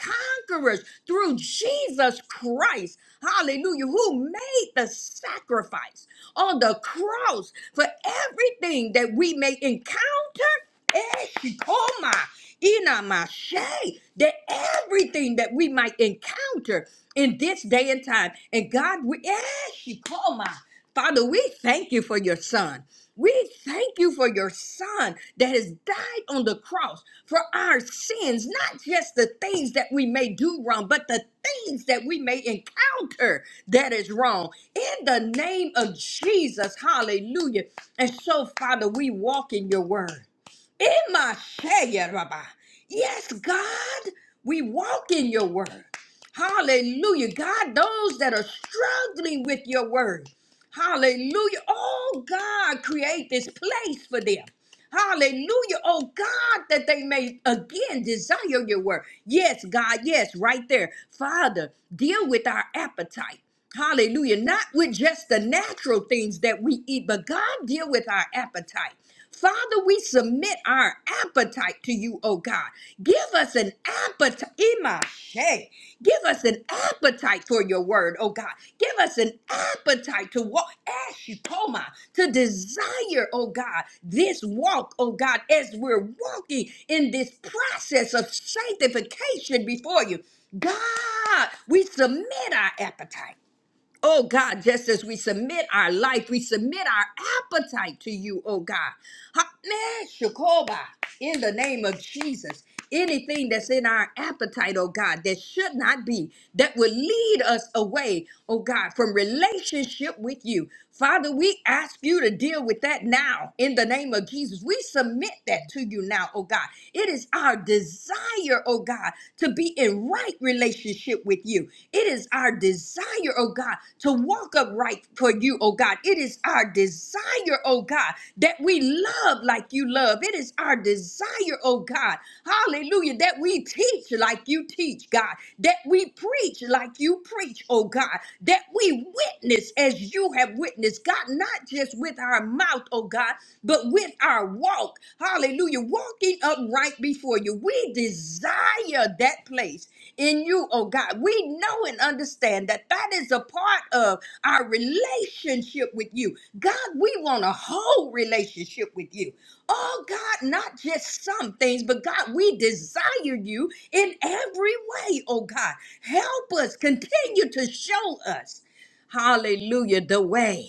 Speaker 4: conquerors through Jesus Christ. Hallelujah. Who made the sacrifice on the cross for everything that we may encounter. Eshikoma, inamashe, That everything that we might encounter in this day and time. And God, we, Eshikoma, Father, we thank you for your son. We thank you for your son that has died on the cross for our sins, not just the things that we may do wrong, but the things that we may encounter that is wrong. In the name of Jesus, hallelujah. And so, Father, we walk in your word. In my shaya, Rabbi. Yes, God, we walk in your word. Hallelujah. God, those that are struggling with your word. Hallelujah. Oh God, create this place for them. Hallelujah. Oh God, that they may again desire your word. Yes, God, yes, right there. Father, deal with our appetite. Hallelujah. Not with just the natural things that we eat, but God, deal with our appetite. Father, we submit our appetite to you, oh God. Give us an appetite. Imashe. Give us an appetite for your word, oh God. Give us an appetite to walk, Ashikoma, to desire, oh God, this walk, oh God, as we're walking in this process of sanctification before you. God, we submit our appetite. Oh God, just as we submit our life, we submit our appetite to you, oh God. Ha- meh, Shakoba, In the name of Jesus, anything that's in our appetite, oh God, that should not be, that would lead us away, oh God, from relationship with you. Father, we ask you to deal with that now in the name of Jesus. We submit that to you now, oh God. It is our desire, oh God, to be in right relationship with you. It is our desire, oh God, to walk upright for you, oh God. It is our desire, oh God, that we love like you love. It is is our desire, oh God. Hallelujah. That we teach like you teach, God. That we preach like you preach, oh God. That we witness as you have witnessed, God, not just with our mouth, oh God, but with our walk. Hallelujah. Walking upright before you. We desire that place in you, oh God. We know and understand that that is a part of our relationship with you. God, we want a whole relationship with you. Oh God, not just some things, but God, we desire you in every way, oh God. Help us continue to show us, hallelujah, the way.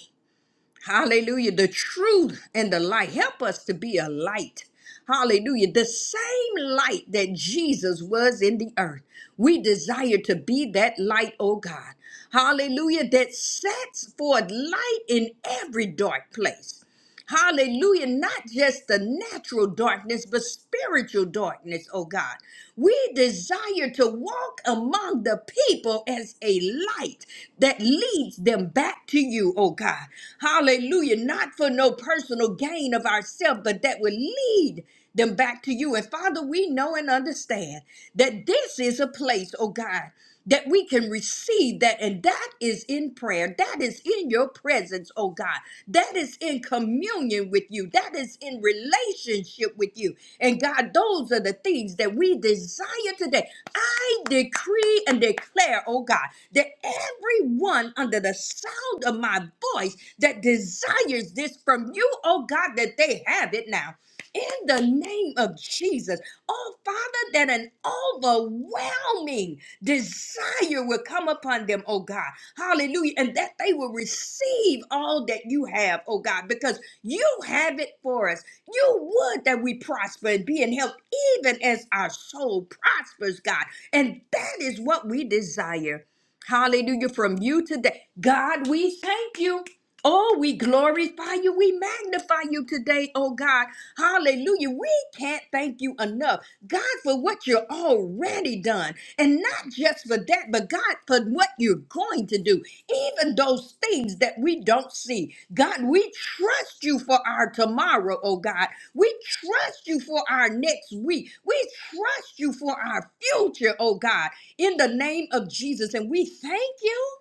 Speaker 4: Hallelujah. The truth and the light. Help us to be a light. Hallelujah. The same light that Jesus was in the earth. We desire to be that light, oh God. Hallelujah. That sets forth light in every dark place. Hallelujah. Not just the natural darkness, but spiritual darkness, oh God. We desire to walk among the people as a light that leads them back to you, oh God. Hallelujah. Not for no personal gain of ourselves, but that will lead them back to you. And Father, we know and understand that this is a place, oh God that we can receive that. And that is in prayer. That is in your presence, oh God. That is in communion with you. That is in relationship with you. And God, those are the things that we desire today. I decree and declare, oh God, that everyone under the sound of my voice that desires this from you, oh God, that they have it now. In the name of Jesus, oh Father, that an overwhelming Desire will come upon them, oh God. Hallelujah. And that they will receive all that you have, oh God, because you have it for us. You would that we prosper and be in health, even as our soul prospers, God. And that is what we desire. Hallelujah. From you today. God, we thank you. Oh, we glorify you. We magnify you today, oh God. Hallelujah. We can't thank you enough, God, for what you're already done. And not just for that, but God, for what you're going to do, even those things that we don't see. God, we trust you for our tomorrow, oh God. We trust you for our next week. We trust you for our future, oh God, in the name of Jesus. And we thank you.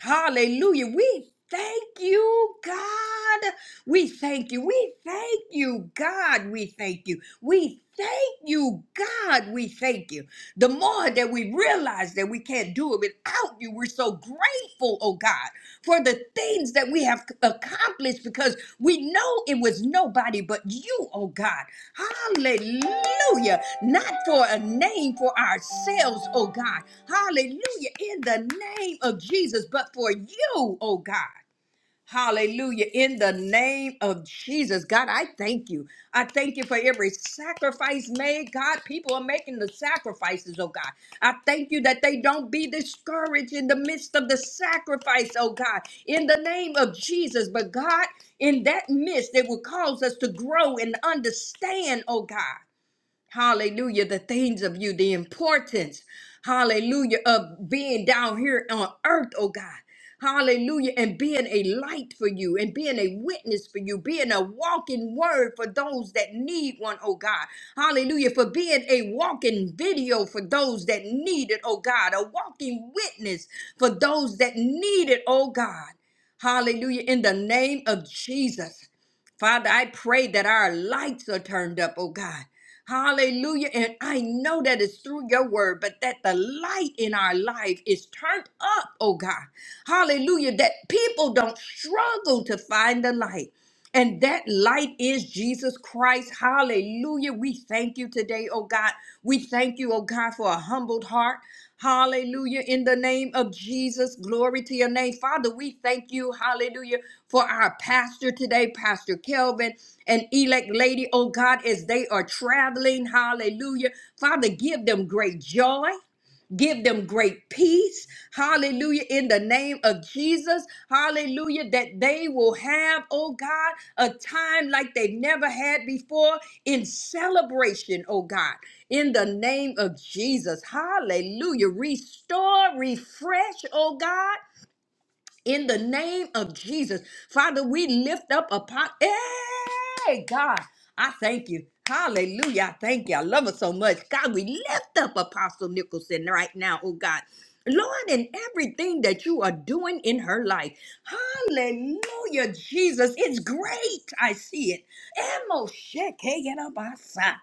Speaker 4: Hallelujah. We thank you, God. We thank you. We thank you, God. We thank you. We thank you, God. We thank you. The more that we realize that we can't do it without you, we're so grateful, oh God, for the things that we have accomplished because we know it was nobody but you, oh God. Hallelujah. Not for a name for ourselves, oh God. Hallelujah. In the name of Jesus, but for you, oh God. Hallelujah. In the name of Jesus, God, I thank you. I thank you for every sacrifice made. God, people are making the sacrifices, oh God. I thank you that they don't be discouraged in the midst of the sacrifice, oh God, in the name of Jesus. But God, in that midst, it will cause us to grow and understand, oh God. Hallelujah. The things of you, the importance, hallelujah, of being down here on earth, oh God. Hallelujah. And being a light for you and being a witness for you, being a walking word for those that need one, oh God. Hallelujah. For being a walking video for those that need it, oh God. A walking witness for those that need it, oh God. Hallelujah. In the name of Jesus. Father, I pray that our lights are turned up, oh God. Hallelujah. And I know that it's through your word, but that the light in our life is turned up, oh God. Hallelujah. That people don't struggle to find the light. And that light is Jesus Christ. Hallelujah. We thank you today, oh God. We thank you, oh God, for a humbled heart. Hallelujah. In the name of Jesus, glory to your name. Father, we thank you, hallelujah, for our pastor today, Pastor Kelvin and elect lady, oh God, as they are traveling, hallelujah. Father, give them great joy. Give them great peace. Hallelujah. In the name of Jesus. Hallelujah. That they will have, oh God, a time like they've never had before in celebration, oh God. In the name of Jesus. Hallelujah. Restore, refresh, oh God in the name of Jesus. Father, we lift up upon. Hey, God, I thank you. Hallelujah. I thank you. I love her so much. God, we lift up Apostle Nicholson right now, oh God. Lord, in everything that you are doing in her life. Hallelujah, Jesus. It's great. I see it. Emo shekeyanabasa.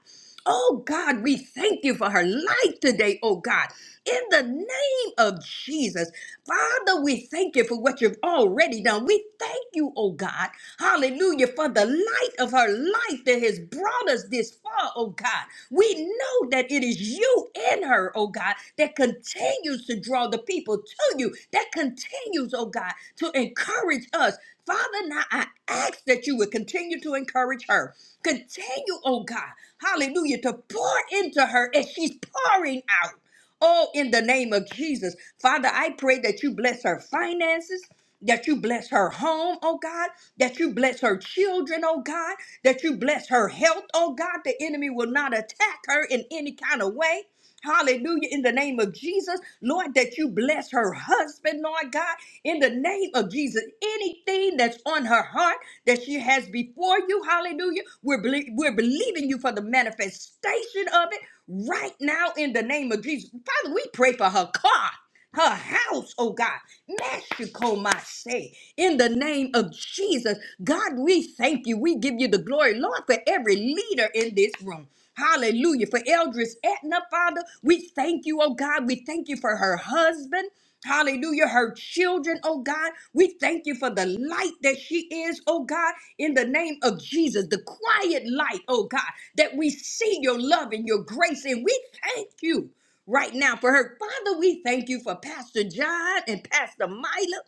Speaker 4: Oh God, we thank you for her life today, oh God. In the name of Jesus. Father, we thank you for what you've already done. We thank you, oh God, hallelujah, for the light of her life that has brought us this far, oh God. We know that it is you in her, oh God, that continues to draw the people to you, that continues, oh God, to encourage us. Father, now I ask that you would continue to encourage her. Continue, oh God, hallelujah, to pour into her as she's pouring out. Oh, in the name of Jesus. Father, I pray that you bless her finances. That you bless her home, oh God. That you bless her children, oh God. That you bless her health, oh God. The enemy will not attack her in any kind of way. Hallelujah. In the name of Jesus, Lord, that you bless her husband, Lord God. In the name of Jesus, anything that's on her heart that she has before you, hallelujah, we're, belie- we're believing you for the manifestation of it right now in the name of Jesus. Father, we pray for her car, her house, oh God. Mexico, my say, in the name of Jesus. God, we thank you. We give you the glory, Lord, for every leader in this room. Hallelujah. For Eldris Etna, Father, we thank you, oh God. We thank you for her husband. Hallelujah. Her children, oh God. We thank you for the light that she is, oh God, in the name of Jesus. The quiet light, oh God, that we see your love and your grace. And we thank you right now for her. Father, we thank you for Pastor John and Pastor Mila.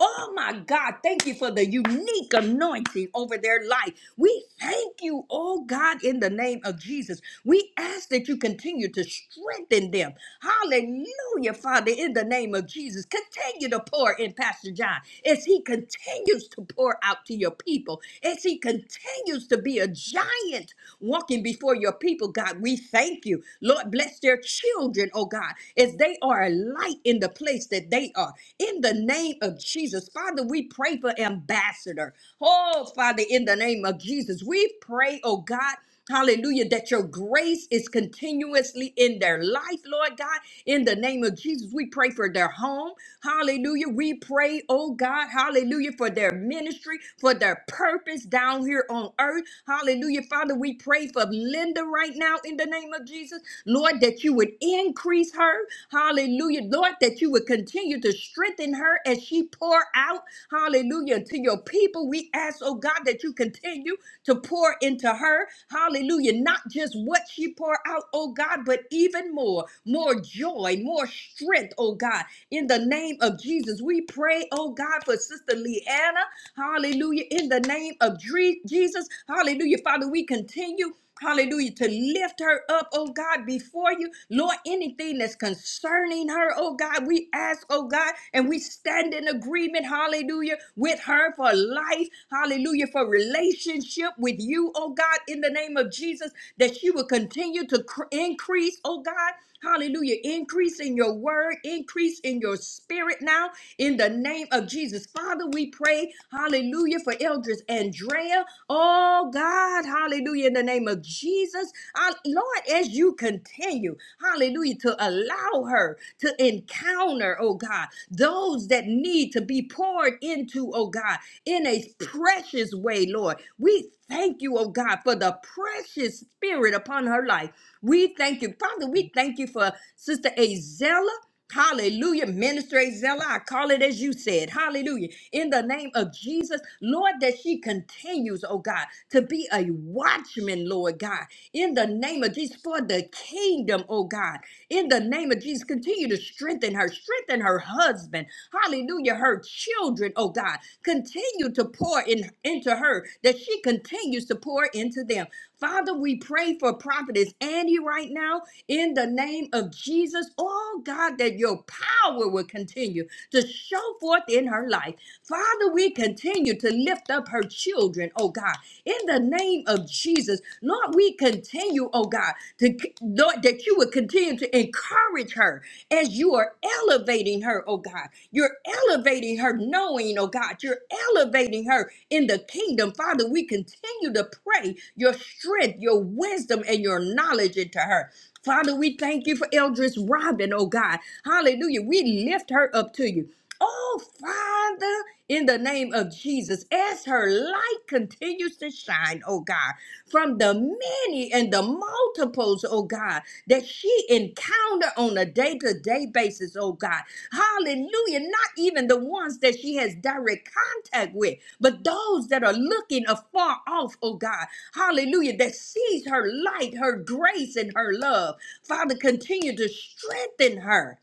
Speaker 4: Oh my God, thank you for the unique anointing over their life. We thank you, oh God, in the name of Jesus. We ask that you continue to strengthen them. Hallelujah, Father, in the name of Jesus. Continue to pour in Pastor John as he continues to pour out to your people, as he continues to be a giant walking before your people, God. We thank you. Lord, bless their children, oh God, as they are alive light in the place that they are. In the name of Jesus, Father, we pray for ambassador. Oh, Father, in the name of Jesus, we pray, oh God. Hallelujah, that your grace is continuously in their life, Lord God. In the name of Jesus, we pray for their home. Hallelujah. We pray, oh God, hallelujah, for their ministry, for their purpose down here on earth. Hallelujah. Father, we pray for Linda right now in the name of Jesus. Lord, that you would increase her. Hallelujah. Lord, that you would continue to strengthen her as she pour out. Hallelujah. To your people, we ask, oh God, that you continue to pour into her. Hallelujah. Not just what she pour out, oh God, but even more, more joy, more strength, oh God. In the name of Jesus, we pray, oh God, for Sister Leanna. Hallelujah. In the name of Dre- Jesus, hallelujah. Father, we continue. Hallelujah. To lift her up, oh God, before you. Lord, anything that's concerning her, oh God, we ask, oh God, and we stand in agreement, hallelujah, with her for life, hallelujah, for relationship with you, oh God, in the name of Jesus, that she will continue to cr- increase, oh God. Hallelujah. Increase in your word, increase in your spirit now in the name of Jesus. Father, we pray, hallelujah, for Eldris Andrea. Oh God, hallelujah, in the name of Jesus. Uh, Lord, as you continue, hallelujah, to allow her to encounter, oh God, those that need to be poured into, oh God, in a precious way, Lord. We thank you, oh God, for the precious spirit upon her life. We thank you. Father, we thank you for Sister Azella. Hallelujah. Minister Azella, I call it as you said. Hallelujah. In the name of Jesus, Lord, that she continues, oh God, to be a watchman, Lord God. In the name of Jesus, for the kingdom, oh God. In the name of Jesus, continue to strengthen her, strengthen her husband. Hallelujah. Her children, oh God. Continue to pour in into her that she continues to pour into them. Father, we pray for prophetess Andy right now in the name of Jesus. Oh God, that your power will continue to show forth in her life. Father, we continue to lift up her children, oh God, in the name of Jesus. Lord, we continue, oh God, to Lord, that you would continue to encourage her as you are elevating her, oh God. You're elevating her knowing, oh God. You're elevating her in the kingdom. Father, we continue to pray your strength, your wisdom, and your knowledge into her. Father, we thank you for Eldris Robin, oh God. Hallelujah. We lift her up to you. Oh, Father, in the name of Jesus, as her light continues to shine, oh God, from the many and the multiples, oh God, that she encounter on a day-to-day basis, oh God. Hallelujah. Not even the ones that she has direct contact with, but those that are looking afar off, oh God. Hallelujah. That sees her light, her grace, and her love. Father, continue to strengthen her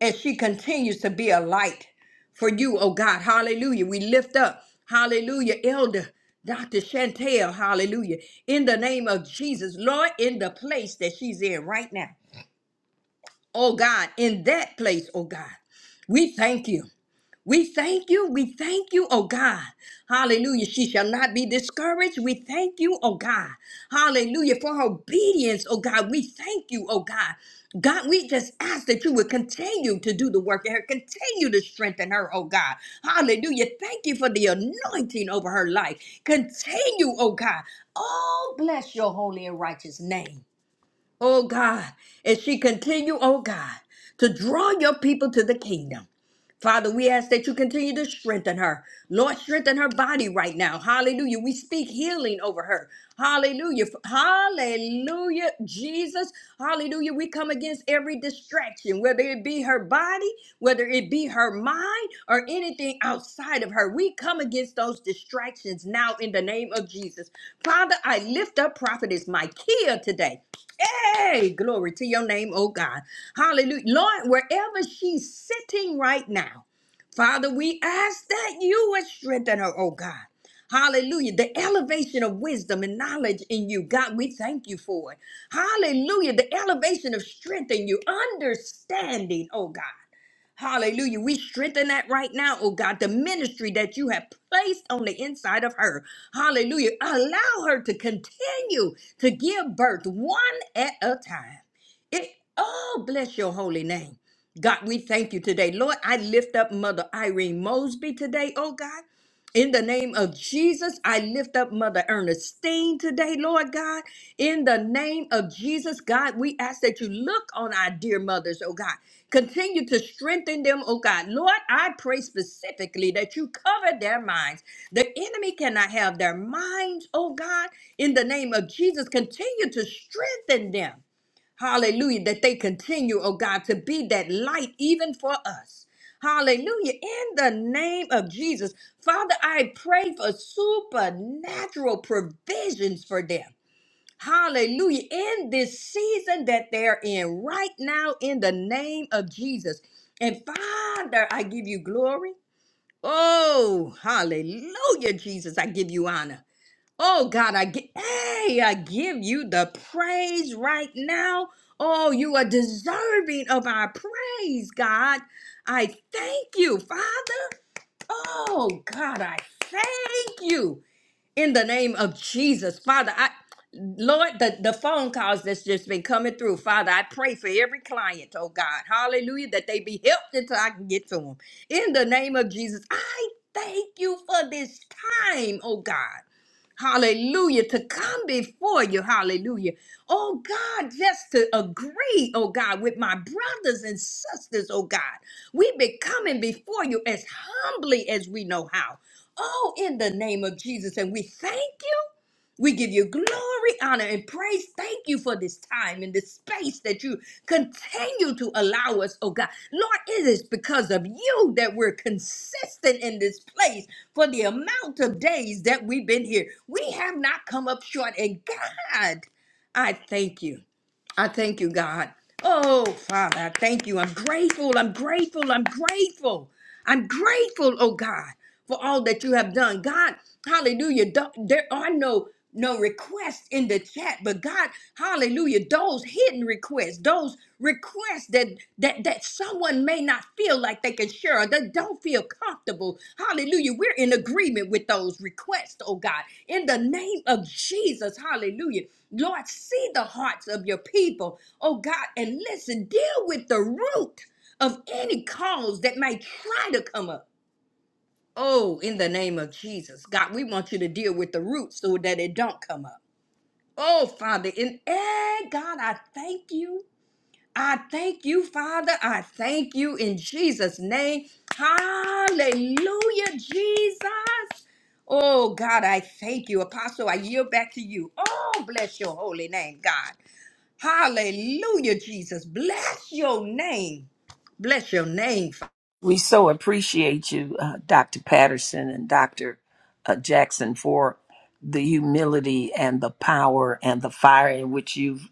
Speaker 4: as she continues to be a light for you, oh God. Hallelujah. We lift up, hallelujah, Elder Dr. Chantel, hallelujah, in the name of Jesus, Lord, in the place that she's in right now. Oh God, in that place, oh God, we thank you. We thank you. We thank you, oh God. Hallelujah. She shall not be discouraged. We thank you, oh God. Hallelujah. For her obedience, oh God. We thank you, oh God. God, we just ask that you would continue to do the work in her, continue to strengthen her, oh God. Hallelujah. Thank you for the anointing over her life. Continue, oh God. Oh, bless your holy and righteous name oh God, as she continue, oh God, to draw your people to the kingdom. Father, we ask that you continue to strengthen her. Lord, strengthen her body right now. Hallelujah. We speak healing over her. Hallelujah. Hallelujah. Jesus. Hallelujah. We come against every distraction, whether it be her body, whether it be her mind, or anything outside of her. We come against those distractions now in the name of Jesus. Father, I lift up Prophetess Micaiah today. Hey, glory to your name, oh God. Hallelujah. Lord, wherever she's sitting right now, Father, we ask that you would strengthen her, oh God. Hallelujah. The elevation of wisdom and knowledge in you. God, we thank you for it. Hallelujah. The elevation of strength in you, understanding, oh God. Hallelujah. We strengthen that right now, oh God, the ministry that you have placed on the inside of her. Hallelujah. Allow her to continue to give birth one at a time. It oh bless your holy name. God, we thank you today. Lord, I lift up Mother Irene Mosby today, oh God. In the name of Jesus, I lift up Mother Ernestine today, Lord God. In the name of Jesus, God, we ask that you look on our dear mothers, oh God. Continue to strengthen them, oh God. Lord, I pray specifically that you cover their minds. The enemy cannot have their minds, oh God. In the name of Jesus, continue to strengthen them. Hallelujah. That they continue, oh God, to be that light even for us. Hallelujah. In the name of Jesus, Father, I pray for supernatural provisions for them. Hallelujah. In this season that they're in right now, in the name of Jesus. And Father, I give you glory. Oh, hallelujah, Jesus. I give you honor. Oh, God, I give, hey, I give you the praise right now. Oh, you are deserving of our praise, God. I thank you, Father. Oh, God, I thank you in the name of Jesus, Father. I Lord, the, the phone calls that's just been coming through, Father, I pray for every client, oh God, hallelujah, that they be helped until I can get to them. In the name of Jesus, I thank you for this time, oh God. Hallelujah. To come before you. Hallelujah. Oh God, just to agree, oh God, with my brothers and sisters, oh God. We've been coming before you as humbly as we know how. Oh, in the name of Jesus. And we thank you. We give you glory, honor, and praise. Thank you for this time and this space that you continue to allow us, oh God. Lord, it is because of you that we're consistent in this place for the amount of days that we've been here. We have not come up short. And God, I thank you. I thank you, God. Oh, Father, I thank you. I'm grateful. I'm grateful. I'm grateful. I'm grateful, oh God, for all that you have done. God, hallelujah. th- There are no no requests in the chat but god hallelujah those hidden requests those requests that that that someone may not feel like they can share or they don't feel comfortable hallelujah we're in agreement with those requests oh god in the name of jesus hallelujah lord see the hearts of your people oh god and listen deal with the root of any cause that may try to come up oh in the name of jesus god we want you to deal with the root so that it don't come up Oh, Father, in eh, God, I thank you. I thank you, Father. I thank you in Jesus' name. Hallelujah, Jesus. Oh, God, I thank you. Apostle, I yield back to you. Oh, bless your holy name, God. Hallelujah, Jesus. Bless your name. Bless your name, Father.
Speaker 3: We so appreciate you, uh, Dr. Patterson and Dr. uh, Jackson, for the humility and the power and the fire in which you've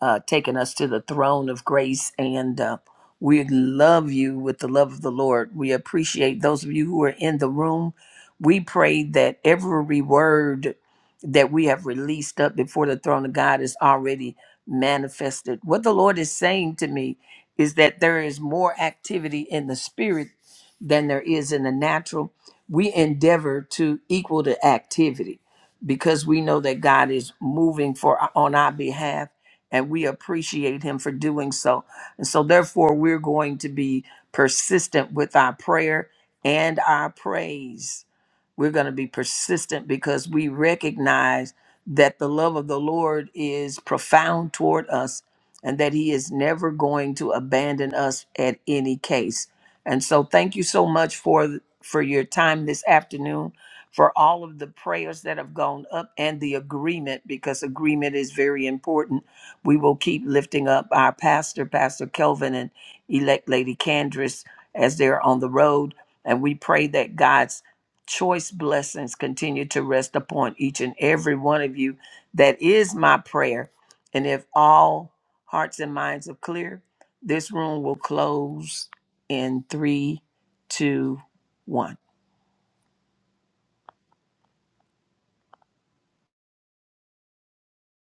Speaker 3: uh, taken us to the throne of grace. And uh, we love you with the love of the Lord. We appreciate those of you who are in the room. We pray that every word that we have released up before the throne of God is already manifested. What the Lord is saying to me is that there is more activity in the spirit than there is in the natural. We endeavor to equal the activity because we know that God is moving for on our behalf and we appreciate him for doing so. And so, therefore, we're going to be persistent with our prayer and our praise. We're going to be persistent because we recognize that the love of the Lord is profound toward us and that he is never going to abandon us at any case. And so, thank you so much for for your time this afternoon for all of the prayers that have gone up and the agreement because agreement is very important we will keep lifting up our pastor, Pastor Kelvin, and elect Lady Candris as they're on the road. And we pray that God's choice blessings continue to rest upon each and every one of you. That is my prayer. And if all hearts and minds are clear, this room will close in three, two, one.